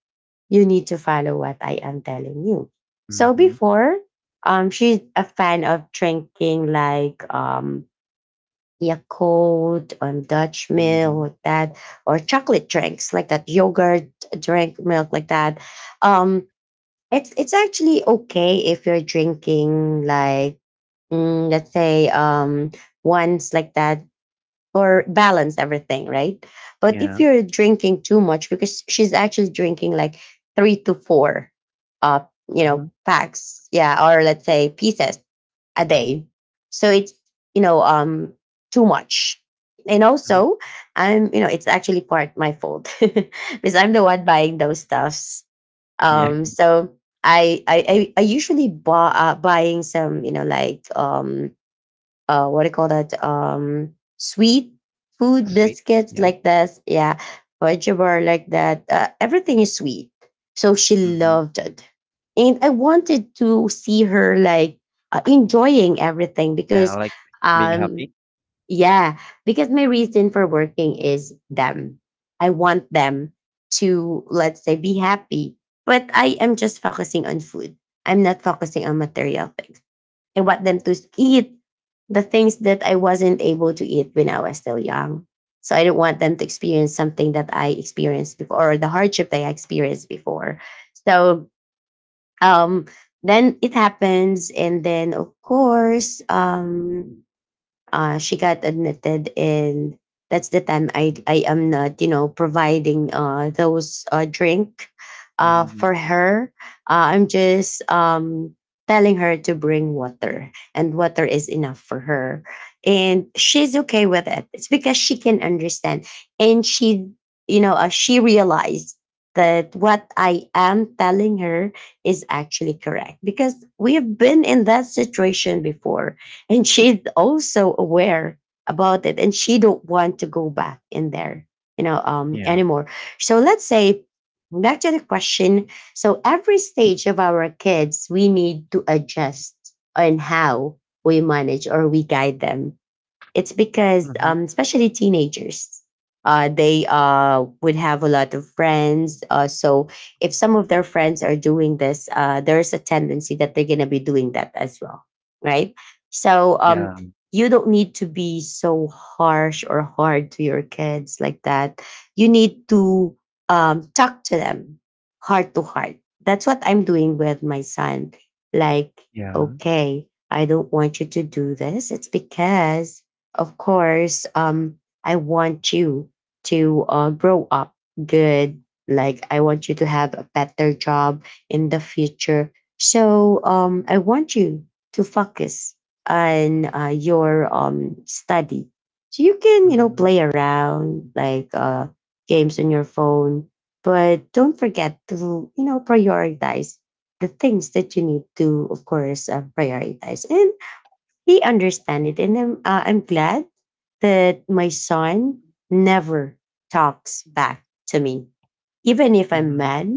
Speaker 1: you need to follow what I am telling you. So
Speaker 2: Mhm.
Speaker 1: before, um, she's a fan of drinking like, um Yakult on Dutch
Speaker 2: Mhm.
Speaker 1: milk that, or chocolate drinks like that, yogurt drink milk like that. Um, it's it's actually okay if you're drinking like, mm, let's say, um ones like that, or balance everything, right? But if
Speaker 2: Yeah.
Speaker 1: you're drinking too much, because she's actually drinking like three to four, uh, you
Speaker 2: Mhm.
Speaker 1: know, packs, yeah, or let's say pieces a day, so it's you know um too much. And
Speaker 2: Mhm.
Speaker 1: also, I'm you know it's actually part my fault because I'm the one buying those stuffs.
Speaker 2: Yeah.
Speaker 1: Um, so I I I, I usually buy uh, buying some you know like um uh what do you call that, um sweet food
Speaker 2: Sweets,
Speaker 1: biscuits
Speaker 2: yeah.
Speaker 1: like this, yeah, fudge bar like that. Uh, everything is sweet, so she
Speaker 2: Mhm.
Speaker 1: loved it. And I wanted to see her like, uh, enjoying everything
Speaker 2: Yeah, I
Speaker 1: because,
Speaker 2: like being
Speaker 1: um
Speaker 2: happy.
Speaker 1: yeah, because my reason for working is them. I want them to, let's say, be happy. But I am just focusing on food, I'm not focusing on material things. I want them to eat the things that I wasn't able to eat when I was still young. So I don't want them to experience something that I experienced before, or the hardship that I experienced before. So, um, then it happens. And then, of course, um, uh, she got admitted. And that's the time i i am not you know providing uh those uh drink uh
Speaker 2: Mhm.
Speaker 1: for her. uh, I'm just um telling her to bring water, and water is enough for her, and she's okay with it. It's because she can understand, and she you know uh, she realized that what I am telling her is actually correct, because we have been in that situation before. And she's also aware about it, and she don't want to go back in there, you know um
Speaker 2: Yeah.
Speaker 1: anymore. So let's say, back to the question. So every stage of our kids, we need to adjust on how we manage or we guide them. It's because,
Speaker 2: Mhm.
Speaker 1: um, especially teenagers, uh, they uh, would have a lot of friends. Uh, so if some of their friends are doing this, uh, there's a tendency that they're going to be doing that as well, right? So um,
Speaker 2: Yeah.
Speaker 1: you don't need to be so harsh or hard to your kids like that. You need to um, talk to them heart to heart. That's what I'm doing with my son. Like,
Speaker 2: Yeah.
Speaker 1: okay, I don't want you to do this. It's because of course, um, I want you to uh, grow up good. Like, I want you to have a better job in the future. So, um, I want you to focus on uh, your um, study. So you can, you know,
Speaker 2: Mhm.
Speaker 1: play around like, uh, games on your phone. But don't forget to, you know, prioritize the things that you need to, of course, uh, prioritize. And he understand it, and I'm, uh, I'm glad that my son never talks back to me, even if I'm
Speaker 2: Mhm.
Speaker 1: mad,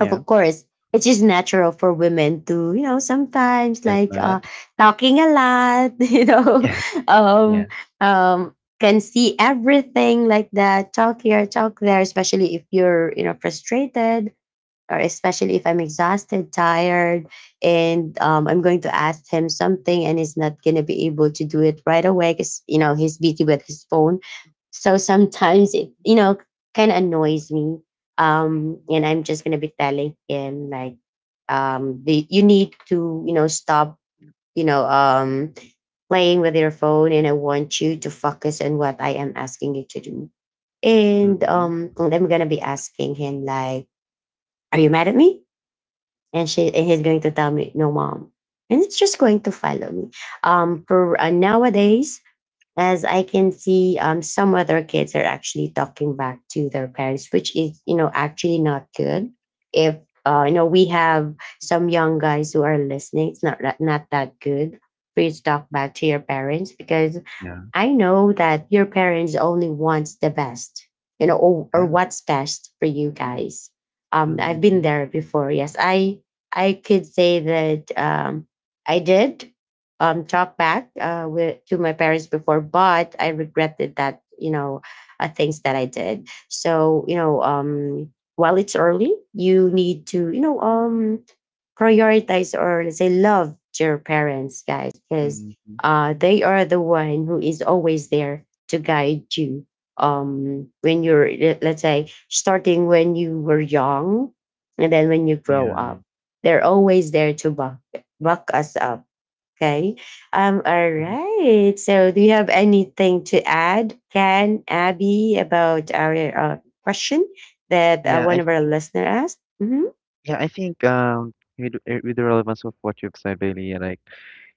Speaker 1: of
Speaker 2: Yeah.
Speaker 1: course. It's just natural for women to, you know sometimes,
Speaker 2: Get
Speaker 1: like uh
Speaker 2: mad.
Speaker 1: talking a lot, you know
Speaker 2: Yeah,
Speaker 1: um
Speaker 2: yeah.
Speaker 1: um can see everything, like that, talk here, talk there, especially if you're, you know frustrated, or especially if I'm exhausted, tired, and um, I'm going to ask him something, and he's not going to be able to do it right away because, you know, he's busy with his phone. So sometimes it, you know, kind of annoys me. Um, and I'm just going to be telling him, like, um, the, you need to, you know, stop, you know, um, playing with your phone, and I want you to focus on what I am asking you to do. And
Speaker 2: Mhm.
Speaker 1: um, I'm going to be asking him, like, are you mad at me? And she and he's going to tell me, no mom. And it's just going to follow me. Um for uh, nowadays, as I can see, um some other kids are actually talking back to their parents, which is you know actually not good. If uh, you know we have some young guys who are listening, it's not that- not that good for you to talk back to your parents, because
Speaker 2: Yeah.
Speaker 1: I know that your parents only want the best, you know, or, or
Speaker 2: Yeah.
Speaker 1: what's best for you guys. Um, I've been
Speaker 2: Mhm.
Speaker 1: there before. Yes, I I could say that um, I did um, talk back uh, with, to my parents before, but I regretted that you know uh, Things that I did. So you know, um, while it's early, you need to you know um, prioritize, or let's say love your parents, guys, because
Speaker 2: Mhm.
Speaker 1: uh, they are the one who is always there to guide you. Um, when you're let- let's say starting when you were young, and then when you grow
Speaker 2: Yeah.
Speaker 1: up, they're always there to buck buck us up. Okay. Um. All
Speaker 2: Mhm.
Speaker 1: right. So, do you have anything to add, Ken, Abby, about our uh, question that uh,
Speaker 2: Yeah,
Speaker 1: one
Speaker 2: I
Speaker 1: of our
Speaker 2: think
Speaker 1: listeners asked? Mm-hmm.
Speaker 2: yeah, I think, um, with uh, with the relevance of what you've said, Bailey, like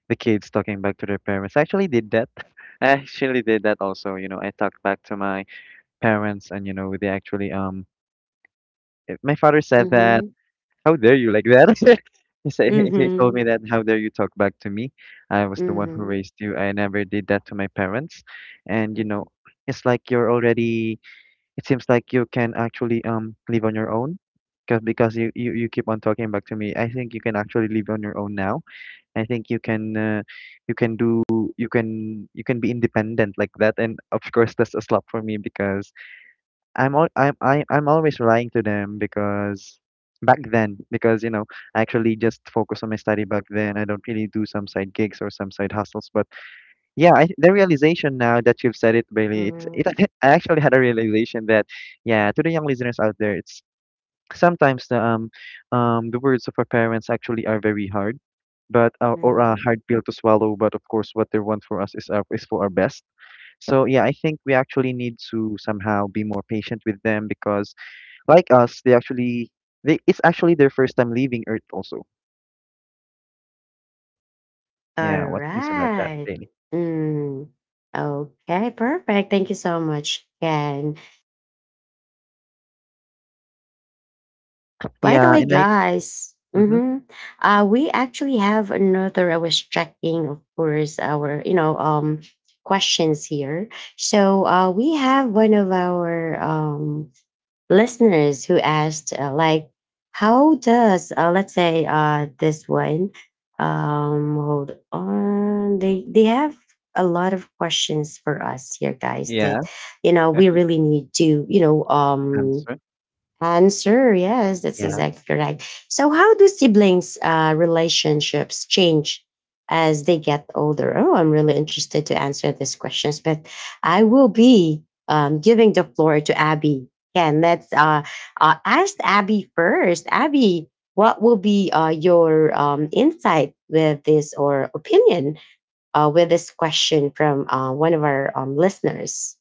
Speaker 2: the kids talking back to their parents, I actually did that. I actually did that also, you know, I talked back to my parents, and you know they actually, um eh, my father said that
Speaker 1: Mm-hmm.
Speaker 2: how dare you like that. He said he, he told
Speaker 1: Mm-hmm.
Speaker 2: me that how dare you talk back to me. I was the one who
Speaker 1: Mhm,
Speaker 2: raised you. I never did that to my parents. And you know
Speaker 1: mhm,
Speaker 2: it's like you're already, it seems like you can actually, um live on your own because because you, you you keep on talking back to me. I think you can actually live on your own now. I think you can, uh, you can do you can you can be independent like that. And of course that's a slap for me because I'm al- I'm I, I'm always relying to them because back then because you know I actually just focus on my study back then. I don't really do some side gigs or some side hustles. But yeah I, the realization now that you've said it, Bailey, it's
Speaker 1: mhm,
Speaker 2: it, I actually had a realization that, yeah, to the young listeners out there, it's sometimes the, um um the words of our parents actually are very hard, but uh, or a
Speaker 1: mhm.
Speaker 2: hard pill to swallow, but of course what they want for us is our, is for our best. So yeah, I think we actually need to somehow be more patient with them because like us, they actually they it's actually their first time leaving Earth also. Yeah, what can you say about that,
Speaker 1: Alright.
Speaker 2: really?
Speaker 1: Mm. Okay, perfect. Thank you so much, Ken. By the
Speaker 2: Yeah,
Speaker 1: way,
Speaker 2: and I
Speaker 1: guys,
Speaker 2: mm-hmm.
Speaker 1: mhm, uh, we actually have another. I was checking, of course, our you know um questions here. So uh, we have one of our um listeners who asked, uh, like, how does, uh, let's say, uh, this one, um, hold on, they, they have a lot of questions for us here, guys,
Speaker 2: Yeah,
Speaker 1: that, you know, we really need to, you know, um,
Speaker 2: answer.
Speaker 1: answer, yes, that's
Speaker 2: Yeah.
Speaker 1: exactly correct. So, how do siblings' uh, relationships change as they get older? Oh, I'm really interested to answer these questions, but I will be um, giving the floor to Abby. Again, let's uh, uh, ask Abby first. Abby, what will be uh, your um, insight with this, or opinion uh, with this question from uh, one of our um, listeners?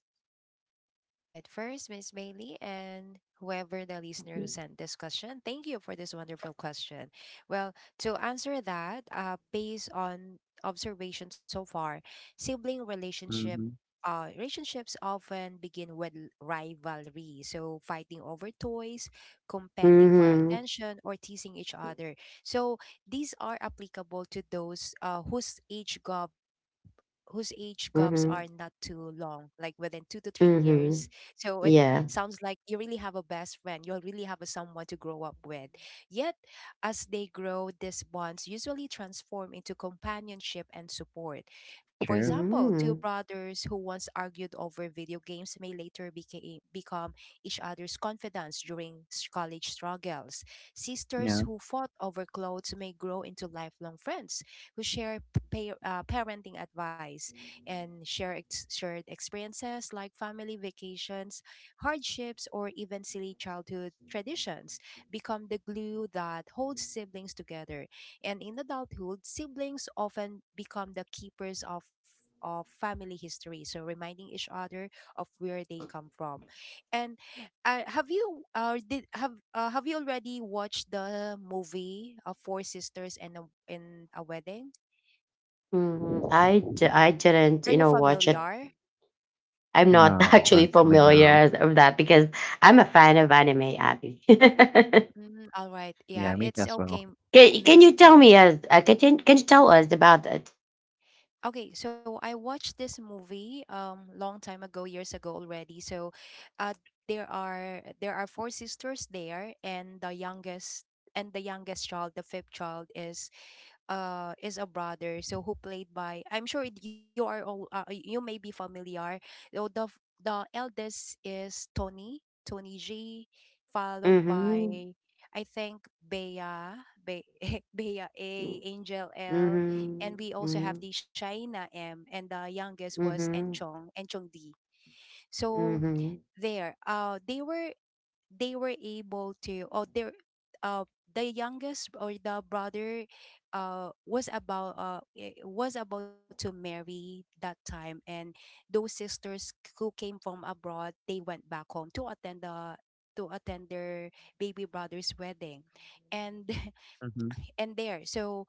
Speaker 3: All right, first, Miss Bailey, and whoever the listener who sent this question, thank you for this wonderful question. Well, to answer that, uh, based on observation so far, sibling relationship.
Speaker 2: Mm-hmm.
Speaker 3: Uh, relationships often begin with l- rivalry, so fighting over toys, competing for
Speaker 1: Mm-hmm,
Speaker 3: attention, or teasing each other. So these are applicable to those uh, whose age gap whose age gaps are not
Speaker 1: mm-hmm,
Speaker 3: too long, like within two to three years,
Speaker 1: mm-hmm.
Speaker 3: so it
Speaker 1: Yeah.
Speaker 3: sounds like you really have a best friend. You'll really have a someone to grow up with. Yet, as they grow, these bonds usually transform into companionship and support. For
Speaker 2: True.
Speaker 3: example, two
Speaker 1: Mm.
Speaker 3: brothers who once argued over video games may later became, become each other's confidants during s- college struggles. Sisters
Speaker 2: Yeah.
Speaker 3: who fought over clothes may grow into lifelong friends who share p- pa- uh, parenting advice and share ex- shared experiences like family vacations, hardships, or even silly childhood traditions become the glue that holds siblings together. And in adulthood, siblings often become the keepers of of family history, so reminding each other of where they come from, and uh, have you uh, did have uh, have you already watched the movie of four sisters and a, and a wedding?
Speaker 1: Mm, I, d- I
Speaker 3: Are you
Speaker 1: didn't, you know, watch it.
Speaker 3: familiar?
Speaker 1: I'm not
Speaker 2: No,
Speaker 1: actually
Speaker 2: actually no.
Speaker 1: familiar of that because I'm a fan of anime, Abby.
Speaker 3: Mm, all right. Yeah,
Speaker 2: Yeah, me
Speaker 3: it's
Speaker 2: as well.
Speaker 3: okay,
Speaker 1: can, can
Speaker 3: Miss
Speaker 1: you tell me,
Speaker 3: Bailey.
Speaker 1: uh, uh, can, you- can you tell us about it?
Speaker 3: Okay, so I watched this movie um long time ago, years ago already. So, uh, there are there are four sisters there, and the youngest, and the youngest child, the fifth child, is uh is a brother, so who played by, I'm sure, it- you are all uh, you may be familiar. So the f- the eldest is Tony, Tony G, followed by,
Speaker 1: Mm-hmm.
Speaker 3: I think, Bea, Be- Bea A, Angel L,
Speaker 1: Mm-hmm.
Speaker 3: and we also have
Speaker 1: Mm-hmm.
Speaker 3: the Shaina M, and the youngest was
Speaker 1: Mm-hmm.
Speaker 3: Enchong, Enchong D. So
Speaker 1: Mm-hmm.
Speaker 3: there, uh they were, they were able to, or their uh, the youngest or the brother uh, was about uh eh, was about to marry that time, and those sisters who came from abroad, they went back home to attend the to attend their baby brother's wedding. And
Speaker 2: Mm-hmm.
Speaker 3: and there, so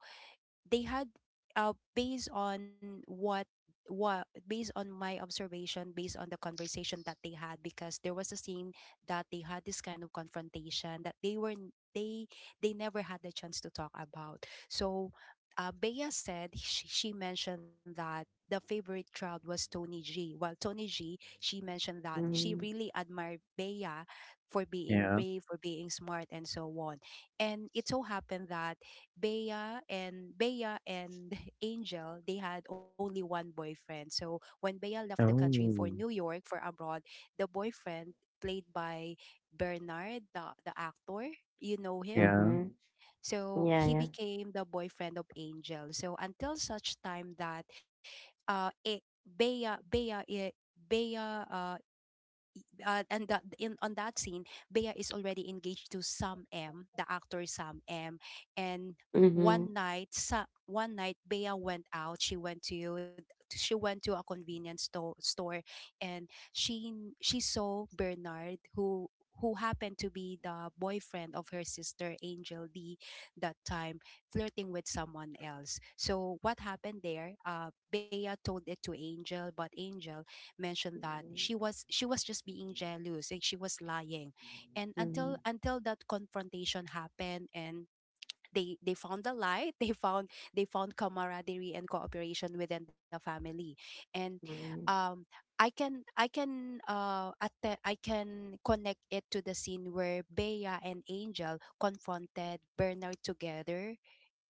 Speaker 3: they had uh, based on what what based on my observation, based on the conversation that they had, because there was a scene that they had this kind of confrontation that they were n- they they never had the chance to talk about. So uh, Bea said, she, she mentioned that the favorite crowd was Tony G. While Tony G, she mentioned that she
Speaker 1: Mm-hmm.
Speaker 3: really admired Bea for being
Speaker 2: Yeah.
Speaker 3: brave, for being smart, and so on. And it so happened that Bea and Bea and Angel, they had only one boyfriend. So when Bea left the country for New
Speaker 2: Oh.
Speaker 3: York for abroad, the boyfriend played by Bernard, the, the actor, you know him.
Speaker 2: Yeah.
Speaker 1: Mm-hmm.
Speaker 3: So
Speaker 1: Yeah,
Speaker 3: he
Speaker 1: yeah.
Speaker 3: became the boyfriend of Angel. So until such time that uh it, Bea Bea I- Bea uh, uh, and that in on that scene, Bea is already engaged to Sam M, the actor Sam M. And
Speaker 1: Mm-hmm.
Speaker 3: one night, sa- one night Bea went out. She went to she went to a convenience sto- store, and she she saw Bernard, who who happened to be the boyfriend of her sister Angel D that time, flirting with someone else. So what happened there? Uh, Bea told it to Angel, but Angel mentioned that she was she was just being jealous, like she was lying. And until
Speaker 1: Mm-hmm.
Speaker 3: until that confrontation happened, and they they found the light. They found they found camaraderie and cooperation within the family, and
Speaker 1: Mm-hmm.
Speaker 3: um, I can I can uh, at the, I can connect it to the scene where Bea and Angel confronted Bernard together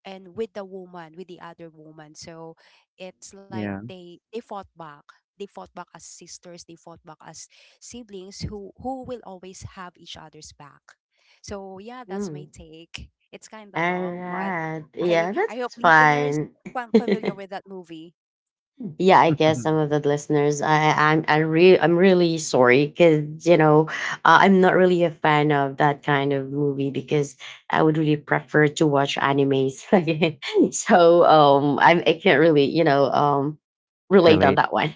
Speaker 3: and with the woman, with the other woman. So it's like
Speaker 2: Yeah.
Speaker 3: they they fought back, they fought back as sisters, they fought back as siblings who who will always have each other's back. So yeah, that's my
Speaker 1: Mm-hmm.
Speaker 3: take. It's kind of
Speaker 1: All
Speaker 3: long, but
Speaker 1: right.
Speaker 3: I
Speaker 1: Yeah,
Speaker 3: i hope
Speaker 1: that's
Speaker 3: listeners
Speaker 1: fine.
Speaker 3: fam- familiar with that movie.
Speaker 1: Yeah, I guess some of the listeners, i i'm i really, I'm really sorry because you know uh, I'm not really a fan of that kind of movie because I would really prefer to watch animes. So um I'm, I can't really, you know um relate on
Speaker 2: Relate.
Speaker 1: that one.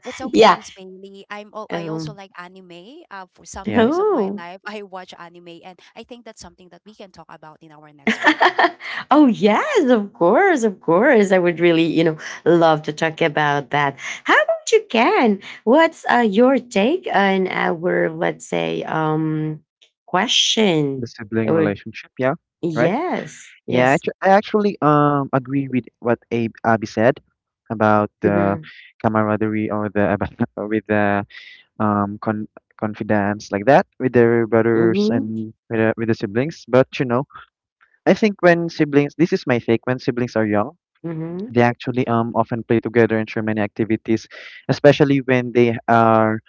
Speaker 3: It's okay,
Speaker 1: Yeah.
Speaker 3: Miss Bailey. I'm all, I also
Speaker 1: um
Speaker 3: like anime. Uh, for some
Speaker 2: Yeah.
Speaker 3: years of my
Speaker 1: oh.
Speaker 3: life, I watch anime, and I think that's something that we can talk about in our next podcast.
Speaker 1: Oh yes, of course, of course. I would really, you know, love to talk about that. How about you, Ken? What's uh, your take on our, let's say, um,
Speaker 2: The
Speaker 1: question?
Speaker 2: sibling
Speaker 1: Or
Speaker 2: relationship, yeah. Right?
Speaker 1: yes,
Speaker 2: Yeah,
Speaker 1: yes.
Speaker 2: actu- I actually, um agree with what Abe Abby said about the
Speaker 1: Mm-hmm.
Speaker 2: camaraderie or the about with the, um con confidants like that with their brothers
Speaker 1: Mm-hmm.
Speaker 2: and with the, with the siblings. But you know, I think when siblings, this is my take, when siblings are young,
Speaker 1: Mm-hmm.
Speaker 2: they actually, um often play together and share many activities, especially when they are,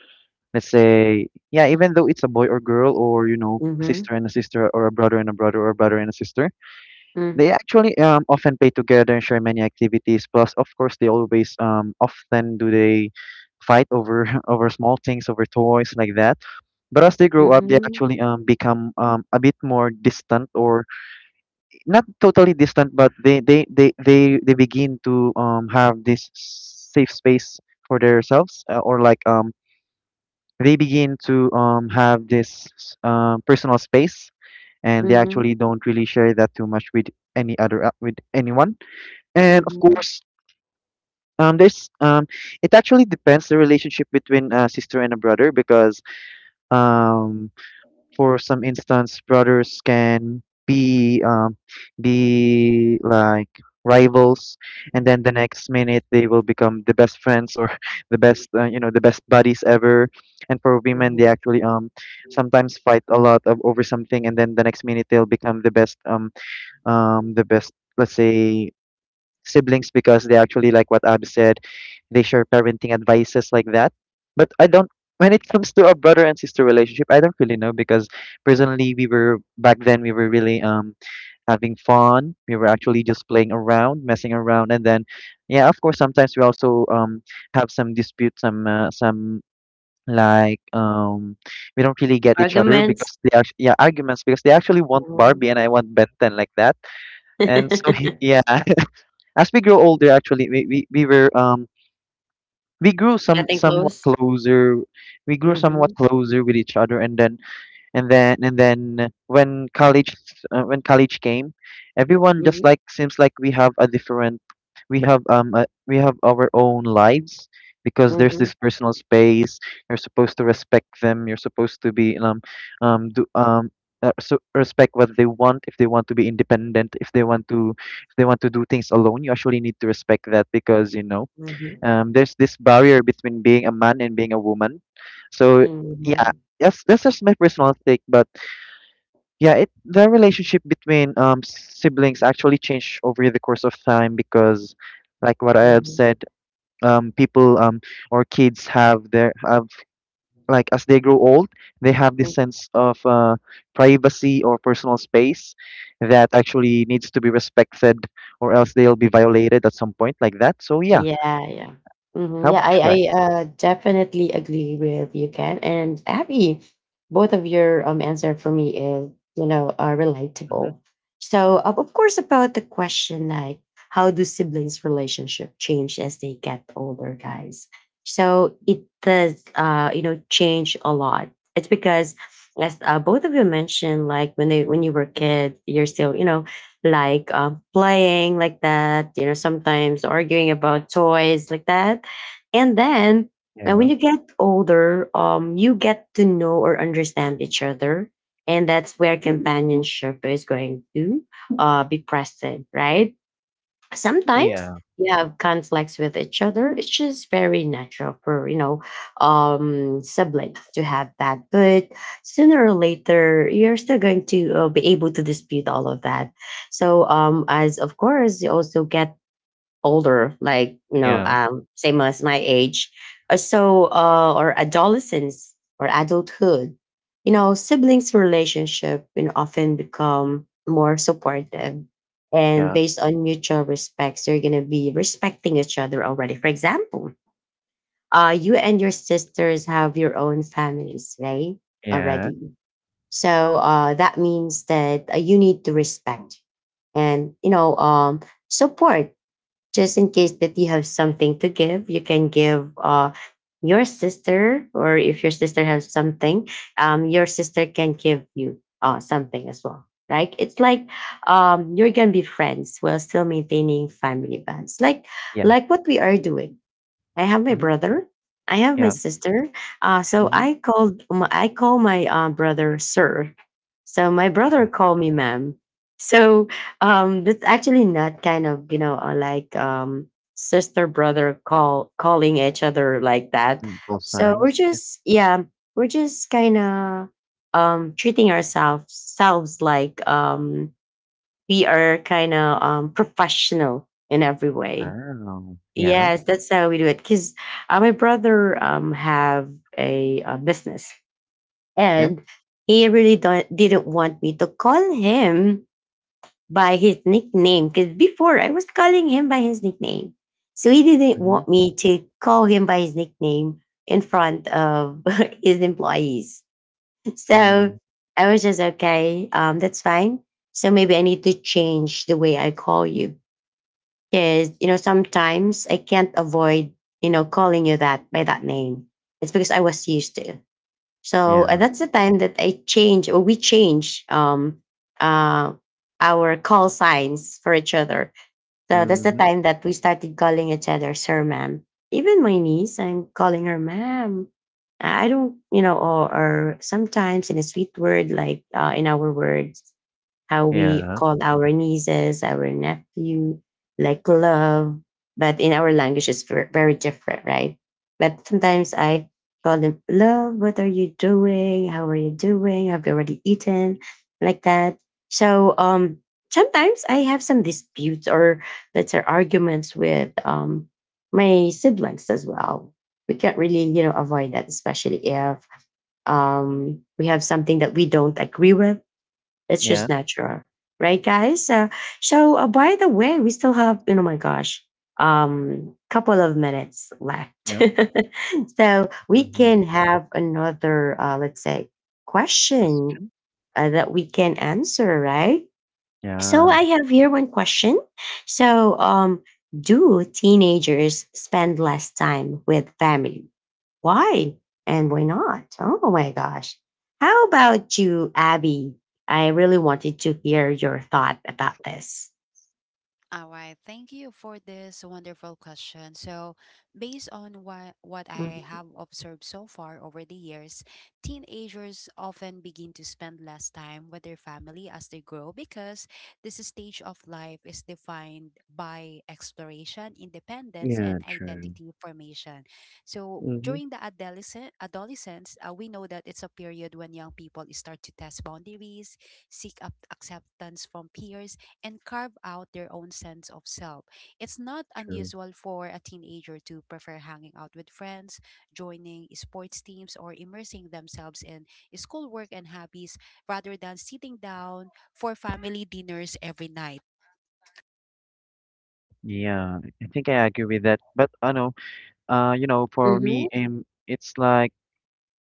Speaker 2: let's say, yeah, even though it's a boy or girl, or you know, a
Speaker 1: Mm-hmm.
Speaker 2: sister and a sister, or a brother and a brother, or a brother and a sister, they actually, um often play together and share many activities. Plus, of course, they always, um often do they fight over over small things, over toys like that. But as they grow
Speaker 1: Mm-hmm.
Speaker 2: up, they
Speaker 1: Mm-hmm.
Speaker 2: actually, um become, um a bit more distant, or not totally distant, but they they they they, they begin to, um have this safe space for themselves, uh, or like, um they begin to, um have this, um personal space, and they
Speaker 1: Mm-hmm.
Speaker 2: actually don't really share that too much with any other, uh, with anyone. And of
Speaker 1: Mm-hmm.
Speaker 2: course, um there's um it actually depends the relationship between a sister and a brother because, um for some instance, brothers can be, um, be like rivals, and then the next minute they will become the best friends, or the best, uh, you know, the best buddies ever. And for women, they
Speaker 1: Mm-hmm.
Speaker 2: actually, um sometimes fight a lot of, over something, and then the next minute they'll become the best, um um the best, let's say, siblings because they actually, like what Ab said, they share parenting advices like that. But I don't, when it comes to a brother and sister relationship, I don't really know because personally we were back then we were really, um having fun. We were actually just playing around, messing around, and then yeah, of course sometimes we also um have some disputes, some uh, some like um we don't really get each other
Speaker 1: Arguments.
Speaker 2: because they actually, yeah, arguments because they actually want
Speaker 1: Mm-hmm.
Speaker 2: Barbie and I want Benton, like that. And so yeah, as we grow older actually we, we, we were um we grew some
Speaker 1: Getting
Speaker 2: somewhat
Speaker 1: close.
Speaker 2: closer we grew
Speaker 1: Mm-hmm.
Speaker 2: somewhat closer with each other. And then and then and then when college uh, when college came, everyone just,
Speaker 1: Mm-hmm.
Speaker 2: like, seems like we have a different we have um a, we have our own lives because there's
Speaker 1: Mm-hmm.
Speaker 2: this personal space. You're supposed to respect them, you're supposed to be um um do um uh, so respect what they want. If they want to be independent, if they want to if they want to do things alone, you actually need to respect that because, you know,
Speaker 1: Mm-hmm.
Speaker 2: um, there's this barrier between being a man and being a woman. So yeah,
Speaker 1: Mm-hmm.
Speaker 2: that's that's just my personal take. But yeah, it the relationship between um siblings actually changed over the course of time because, like what I have
Speaker 1: Mhm,
Speaker 2: said, um people um or kids have their have like, as they grow old, they have this
Speaker 1: mm.
Speaker 2: sense of uh privacy or personal space that actually needs to be respected, or else they'll be violated at some point, like that. So yeah,
Speaker 1: Yeah, yeah.
Speaker 2: how
Speaker 1: Mhm, yeah,
Speaker 2: about
Speaker 1: I
Speaker 2: you
Speaker 1: I
Speaker 2: guys?
Speaker 1: uh, definitely agree with you, Ken and Abby. Both of your um answer for me is, you know, are
Speaker 2: Mhm.
Speaker 1: relatable. So of of course about the question like how do siblings relationship change as they get older, guys? So it does uh you know change a lot. It's because as uh, both of you mentioned, like when they when you were a kid, you're still you know like um, playing like that, you know, sometimes arguing about toys like that. And then uh,
Speaker 2: Yeah.
Speaker 1: when you get older, um, you get to know or understand each other. And that's where companionship is going to uh, be present, right? Sometimes
Speaker 2: Yeah.
Speaker 1: you have conflicts with each other. It's just very natural for you know um siblings to have that, but sooner or later you're still going to uh, be able to dispute all of that. So um as of course you also get older, like you know,
Speaker 2: Yeah.
Speaker 1: um, same as my age. Uh, so uh, or adolescence or adulthood, you know, siblings' relationship you know, often become more supportive, and
Speaker 2: Yeah.
Speaker 1: based on mutual respects, you're gonna be respecting each other already. For example, uh, you and your sisters have your own families, right?
Speaker 2: Yeah.
Speaker 1: Already, so uh, that means that uh, you need to respect and you know um, support, just in case that you have something to give. You can give uh your sister, or if your sister has something, um your sister can give you uh something as well. Like it's like um you're gonna be friends while still maintaining family bonds, like
Speaker 2: Yeah.
Speaker 1: like what we are doing. I have my
Speaker 2: Mhm.
Speaker 1: brother. I have my
Speaker 2: Yeah.
Speaker 1: sister. Uh, so
Speaker 2: Mhm.
Speaker 1: I called my- I call my uh, brother sir. So my
Speaker 2: Mhm.
Speaker 1: brother called me ma'am. So um, that's actually not kind of you know uh, like um, sister brother call calling each other like that.
Speaker 2: Mm, equal
Speaker 1: So we're
Speaker 2: signs. Yeah.
Speaker 1: just yeah we're just kind of um, treating ourselves selves like um, we are kind of um, professional in every way.
Speaker 2: Wow. Yeah.
Speaker 1: Yes, that's how we do it. Because uh, my brother um have a, uh business,
Speaker 2: Yeah.
Speaker 1: and he really don't, didn't want me to call him by his nickname. Because before I was calling him by his nickname, so he didn't
Speaker 2: Mhm.
Speaker 1: want me to call him by his nickname in front of his employees. So
Speaker 2: Mm.
Speaker 1: I was just okay. Um, that's fine. So maybe I need to change the way I call you, because, you know, sometimes I can't avoid, you know, calling you that by that name. It's because I was used to. So uh,
Speaker 2: Yeah.
Speaker 1: that's the time that I change, or we change um uh our call signs for each other. So that's the
Speaker 2: Mhm.
Speaker 1: time that we started calling each other sir ma'am. Even my niece, I'm calling her ma'am. I don't, you know, or, or sometimes in a sweet word like uh, in our words how we
Speaker 2: Yeah.
Speaker 1: call our nieces, our nephew, like love. But in our language, it's ver- very different, right? But sometimes I call them, love, what are you doing? How are you doing? Have you already eaten? Like that. So um, sometimes I have some disputes or let's say arguments with um, my siblings as well. We can't really, you know, avoid that, especially if um, we have something that we don't agree with. It's
Speaker 2: Yeah.
Speaker 1: just natural, right, guys? So, so uh, by the way, we still have you know, my gosh, um, couple of minutes left,
Speaker 2: Yeah.
Speaker 1: so we
Speaker 2: Mhm.
Speaker 1: can have another, uh, let's say, question
Speaker 2: Question.
Speaker 1: uh, that we can answer, right? So
Speaker 2: Yeah.
Speaker 1: I have here one question. So, um, do teenagers spend less time with family, why? And why not? Oh my gosh. How about you, Abby? I really wanted to hear your thought about this.
Speaker 3: All right, thank you for this wonderful question. So, based on what what I
Speaker 1: Mm-hmm.
Speaker 3: have observed so far over the years, teenagers often begin to spend less time with their family as they grow, because this stage of life is defined by exploration, independence,
Speaker 2: Yeah.
Speaker 3: and
Speaker 2: True.
Speaker 3: identity formation. So,
Speaker 2: Mhm.
Speaker 3: during the adolescent adolescence, uh, we know that it's a period when young people start to test boundaries, seek up acceptance from peers, and carve out their own sense of self. It's not
Speaker 2: True.
Speaker 3: unusual for a teenager to prefer hanging out with friends, joining sports teams, or immersing themselves in schoolwork and hobbies rather than sitting down for family dinners every night.
Speaker 2: Yeah, I think I agree with that. But I know. Uh. You know. For me, um, it's like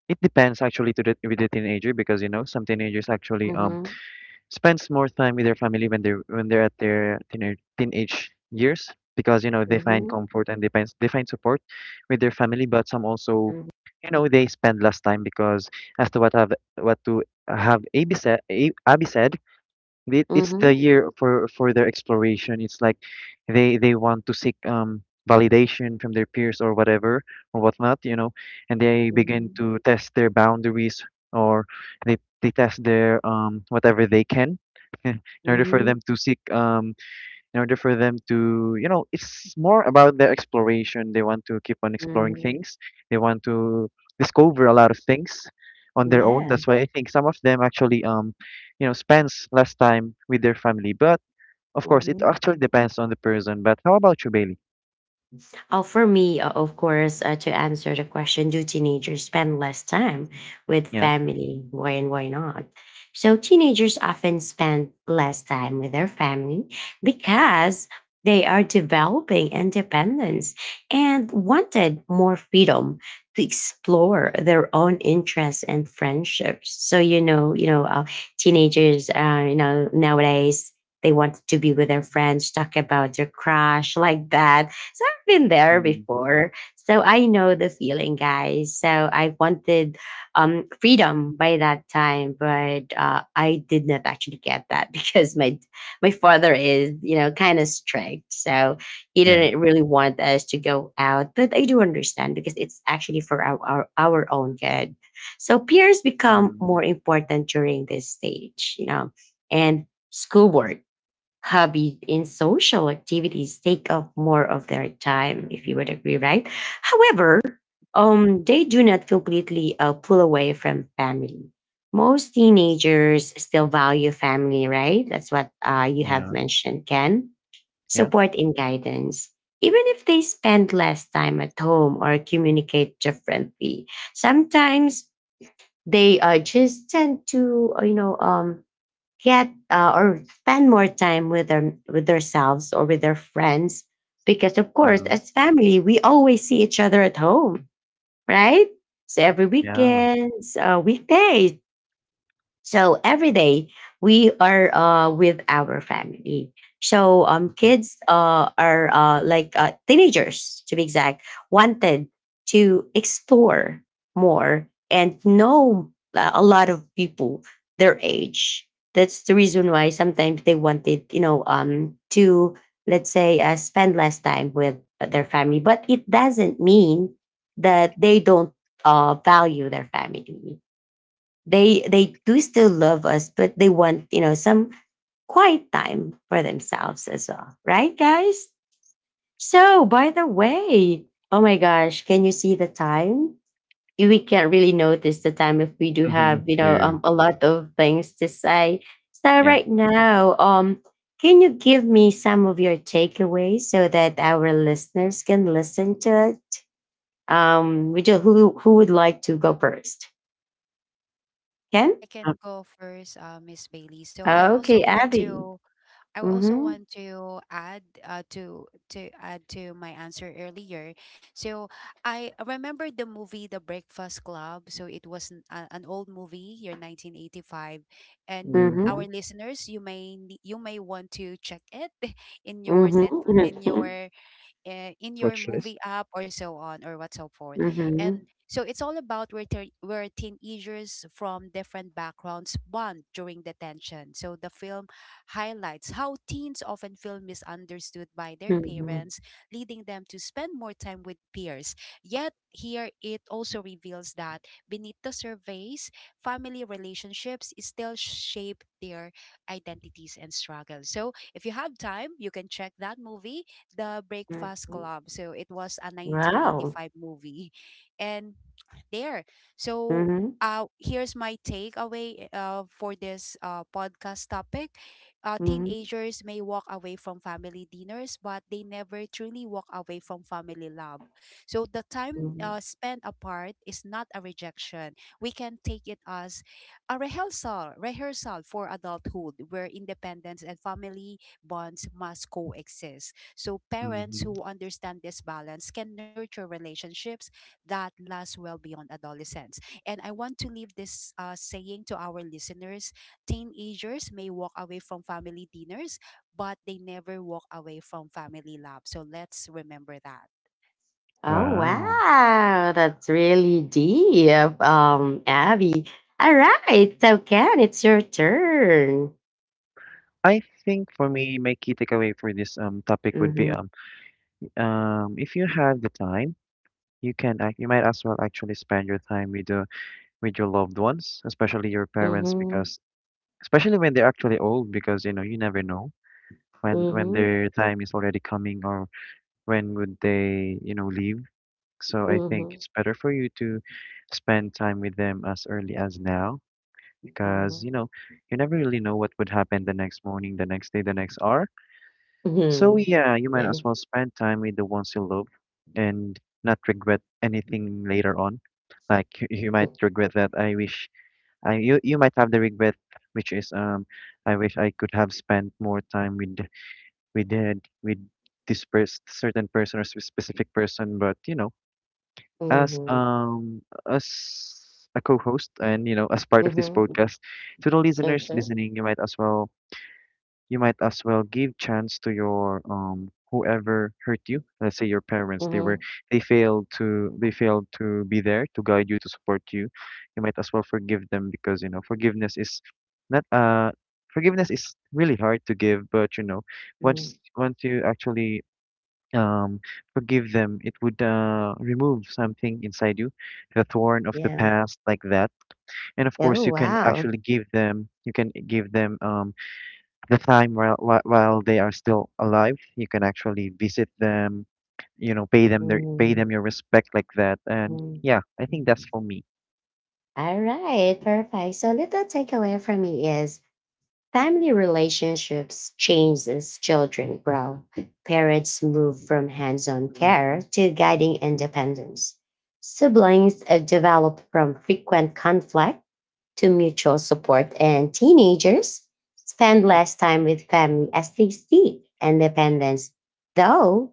Speaker 2: it depends actually to the with the teenager because, you know, some teenagers actually um
Speaker 1: Mm-hmm.
Speaker 2: spends more time with their family when they're when they're at their teenage teenage years because, you know, they find
Speaker 1: Mm-hmm.
Speaker 2: comfort and they find they find support with their family. But some also,
Speaker 1: Mm-hmm.
Speaker 2: you know, they spend less time because as to what have what to have Abby said, Abby said it, it's
Speaker 1: Mm-hmm.
Speaker 2: the year for for their exploration. It's like they they want to seek um validation from their peers or whatever or whatnot, you know, and they begin to test their boundaries, or they they test their um whatever they can in order for
Speaker 1: Mm-hmm.
Speaker 2: them to seek um in order for them to you know, it's more about their exploration. They want to keep on exploring
Speaker 1: Mm-hmm.
Speaker 2: things, they want to discover a lot of things on their own.
Speaker 1: Yeah.
Speaker 2: That's why I think some of them actually um you know, spends less time with their family. But of course it actually depends on the person. But how about you, Bailey?
Speaker 1: Oh, for me, uh, of course, uh, to answer the question, do teenagers spend less time with
Speaker 2: Yeah.
Speaker 1: family? Why and why not? So, teenagers often spend less time with their family because they are developing independence and wanted more freedom to explore their own interests and friendships. So, you know, you know, uh, teenagers, uh, you know, nowadays, they want to be with their friends, talk about their crush like that. So, been there
Speaker 2: Mm-hmm.
Speaker 1: before. So I know the feeling, guys. So I wanted um freedom by that time, but uh I did not actually get that because my my father is, you know, kind of strict. So he
Speaker 2: Yeah.
Speaker 1: didn't really want us to go out. But I do understand because it's actually for our our, our own good. So peers become
Speaker 2: Mm-hmm.
Speaker 1: more important during this stage, you know, and schoolwork, hobbies in social activities take up more of their time, if you would agree, right? However, um, they do not completely uh, pull away from family. Most teenagers still value family, right? That's what uh, you have
Speaker 2: Yeah.
Speaker 1: mentioned, Ken.
Speaker 2: Yeah.
Speaker 1: Support and guidance. Even if they spend less time at home or communicate differently, sometimes they uh, just tend to, uh, you know, um, get uh, or spend more time with them with themselves or with their friends, because of
Speaker 2: Yeah.
Speaker 1: course as family we always see each other at home, right? So every
Speaker 2: Yeah.
Speaker 1: weekends uh, weekdays, so every day we are uh, with our family. So um,
Speaker 2: Mm-hmm.
Speaker 1: kids uh, are uh, like uh, teenagers, to be exact, wanted to explore more and know uh, a lot of people their age. That's the reason why sometimes they wanted, you know, um, to let's say uh, spend less time with their family. But it doesn't mean that they don't uh, value their family. they they do still love us, but they want you know some quiet time for themselves as well, right guys? So by the way, oh my gosh, can you see the time? We can't really notice the time if we do have you know
Speaker 2: Yeah.
Speaker 1: um, a lot of things to say. So
Speaker 2: Yeah.
Speaker 1: right now um can you give me some of your takeaways so that our listeners can listen to it. Um would you who who would like to go first, Ken?
Speaker 3: I can go first, uh, Miss Bailey. So I
Speaker 1: Okay,
Speaker 3: also want
Speaker 1: Abby.
Speaker 3: to I also
Speaker 1: Mm-hmm.
Speaker 3: want to add uh, to to add to my answer earlier. So I remember the movie The Breakfast Club. So it was an, uh, an old movie, year nineteen eighty-five, and
Speaker 1: Mhm,
Speaker 2: Mm-hmm.
Speaker 3: our listeners, you may ne- you may want to check it in your
Speaker 1: mhm,
Speaker 3: net
Speaker 1: mhm,
Speaker 3: in your uh, in your
Speaker 2: Watch list.
Speaker 3: movie app or so on or what so forth. And
Speaker 1: mhm,
Speaker 3: so it's all about where, te- where teenagers from different backgrounds bond during the tension. So the film highlights how teens often feel misunderstood by their
Speaker 1: mhm,
Speaker 3: parents, leading them to spend more time with peers. Yet here it also reveals that beneath the surface, family relationships still shape their identities and struggles. So if you have time, you can check that movie, The Breakfast
Speaker 1: mhm.
Speaker 3: Club. So it was a
Speaker 1: Wow.
Speaker 3: nineteen eighty-five movie. And there. So,
Speaker 1: Mhm,
Speaker 3: uh, here's my takeaway uh, for this uh, podcast topic. Uh,
Speaker 1: mhm,
Speaker 3: teenagers may walk away from family dinners, but they never truly walk away from family love. So, the time uh,
Speaker 1: mhm.
Speaker 3: spent apart is not a rejection. We can take it as a rehearsal, rehearsal for adulthood, where independence and family bonds must coexist. So parents
Speaker 2: Mm-hmm.
Speaker 3: who understand this balance can nurture relationships that lasts well beyond adolescence. And I want to leave this uh, saying to our listeners: teenagers may walk away from family dinners, but they never walk away from family love. So let's remember that.
Speaker 1: Oh,
Speaker 2: Wow.
Speaker 1: wow. That's really deep, um, Abby. All right. So, Ken, it's your turn.
Speaker 2: I think for me, my key takeaway for this um topic would be
Speaker 1: Mhm,
Speaker 2: um um if you have the time, you can act, you might as well actually spend your time with the with your loved ones, especially your parents,
Speaker 1: mhm,
Speaker 2: because especially when they're actually old, because, you know, you never know when when
Speaker 1: mhm,
Speaker 2: their time is already coming, or when would they, you know, leave.
Speaker 1: mhm,
Speaker 2: So I
Speaker 1: mhm,
Speaker 2: think
Speaker 1: mhm.
Speaker 2: it's better for you to spend time with them as early as now, because, you know, you never really know what would happen the next morning, the next day, the next hour. So yeah, you might as
Speaker 1: Yeah.
Speaker 2: well spend time with the ones you love and not regret anything later on. Like you, you might regret that. I wish I you, you might have the regret, which is um I wish I could have spent more time with with the, with this pers certain person or spe- specific person. But, you know, as
Speaker 1: Mhm,
Speaker 2: um as a co-host, and, you know, as part of this
Speaker 1: mhm.
Speaker 2: podcast, to the listeners
Speaker 1: Okay.
Speaker 2: listening, you might as well you might as well give chance to your um whoever hurt you, let's say your parents. They were
Speaker 1: Mhm,
Speaker 2: they failed to they failed to be there to guide you, to support you. You might as well forgive them because, you know, forgiveness is not uh forgiveness is really hard to give. But, you know,
Speaker 1: mhm.
Speaker 2: once once you actually um forgive them, it would uh remove something inside you, the thorn of the
Speaker 1: Yeah.
Speaker 2: past, like that. And of
Speaker 1: Oh,
Speaker 2: course you can
Speaker 1: wow.
Speaker 2: actually give them you can give them um the time while, while while they are still alive. You can actually visit them, you know, pay them their pay them
Speaker 1: Mhm,
Speaker 2: your respect, like that. And yeah, I think that's
Speaker 1: mhm.
Speaker 2: for me.
Speaker 1: All right, perfect. So little takeaway from me is family relationships change as children grow. Parents move from hands-on care
Speaker 2: Hmm.
Speaker 1: to guiding independence. Siblings uh, develop from frequent conflict to mutual support, and teenagers spend less time with family as they seek independence, though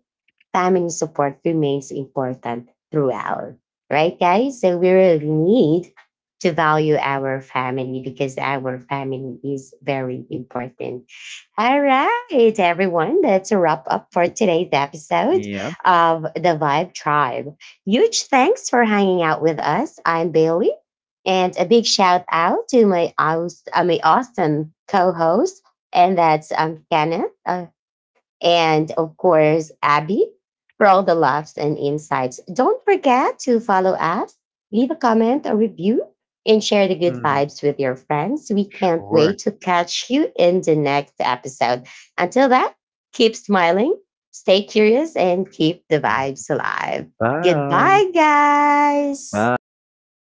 Speaker 1: family support remains important throughout. Right, guys? So we really need to value our family because our family is very important. All right, everyone, that's a wrap up for today's episode
Speaker 2: Yeah.
Speaker 1: of the Vibe Tribe. Huge thanks for hanging out with us. I'm Bailey. And a big shout out to my aus- uh, my awesome co-host, and that's um, Kenneth, uh, and of course Abby, for all the laughs and insights. Don't forget to follow us, leave a comment, or review, and share the good
Speaker 2: Hmm.
Speaker 1: vibes with your friends. We can't
Speaker 2: Sure.
Speaker 1: wait to catch you in the next episode. Until that, keep smiling, stay curious, and keep the
Speaker 2: Mhm.
Speaker 1: vibes alive.
Speaker 2: Bye.
Speaker 1: Goodbye, guys.
Speaker 2: Bye.
Speaker 3: Thank
Speaker 2: Thank
Speaker 3: you,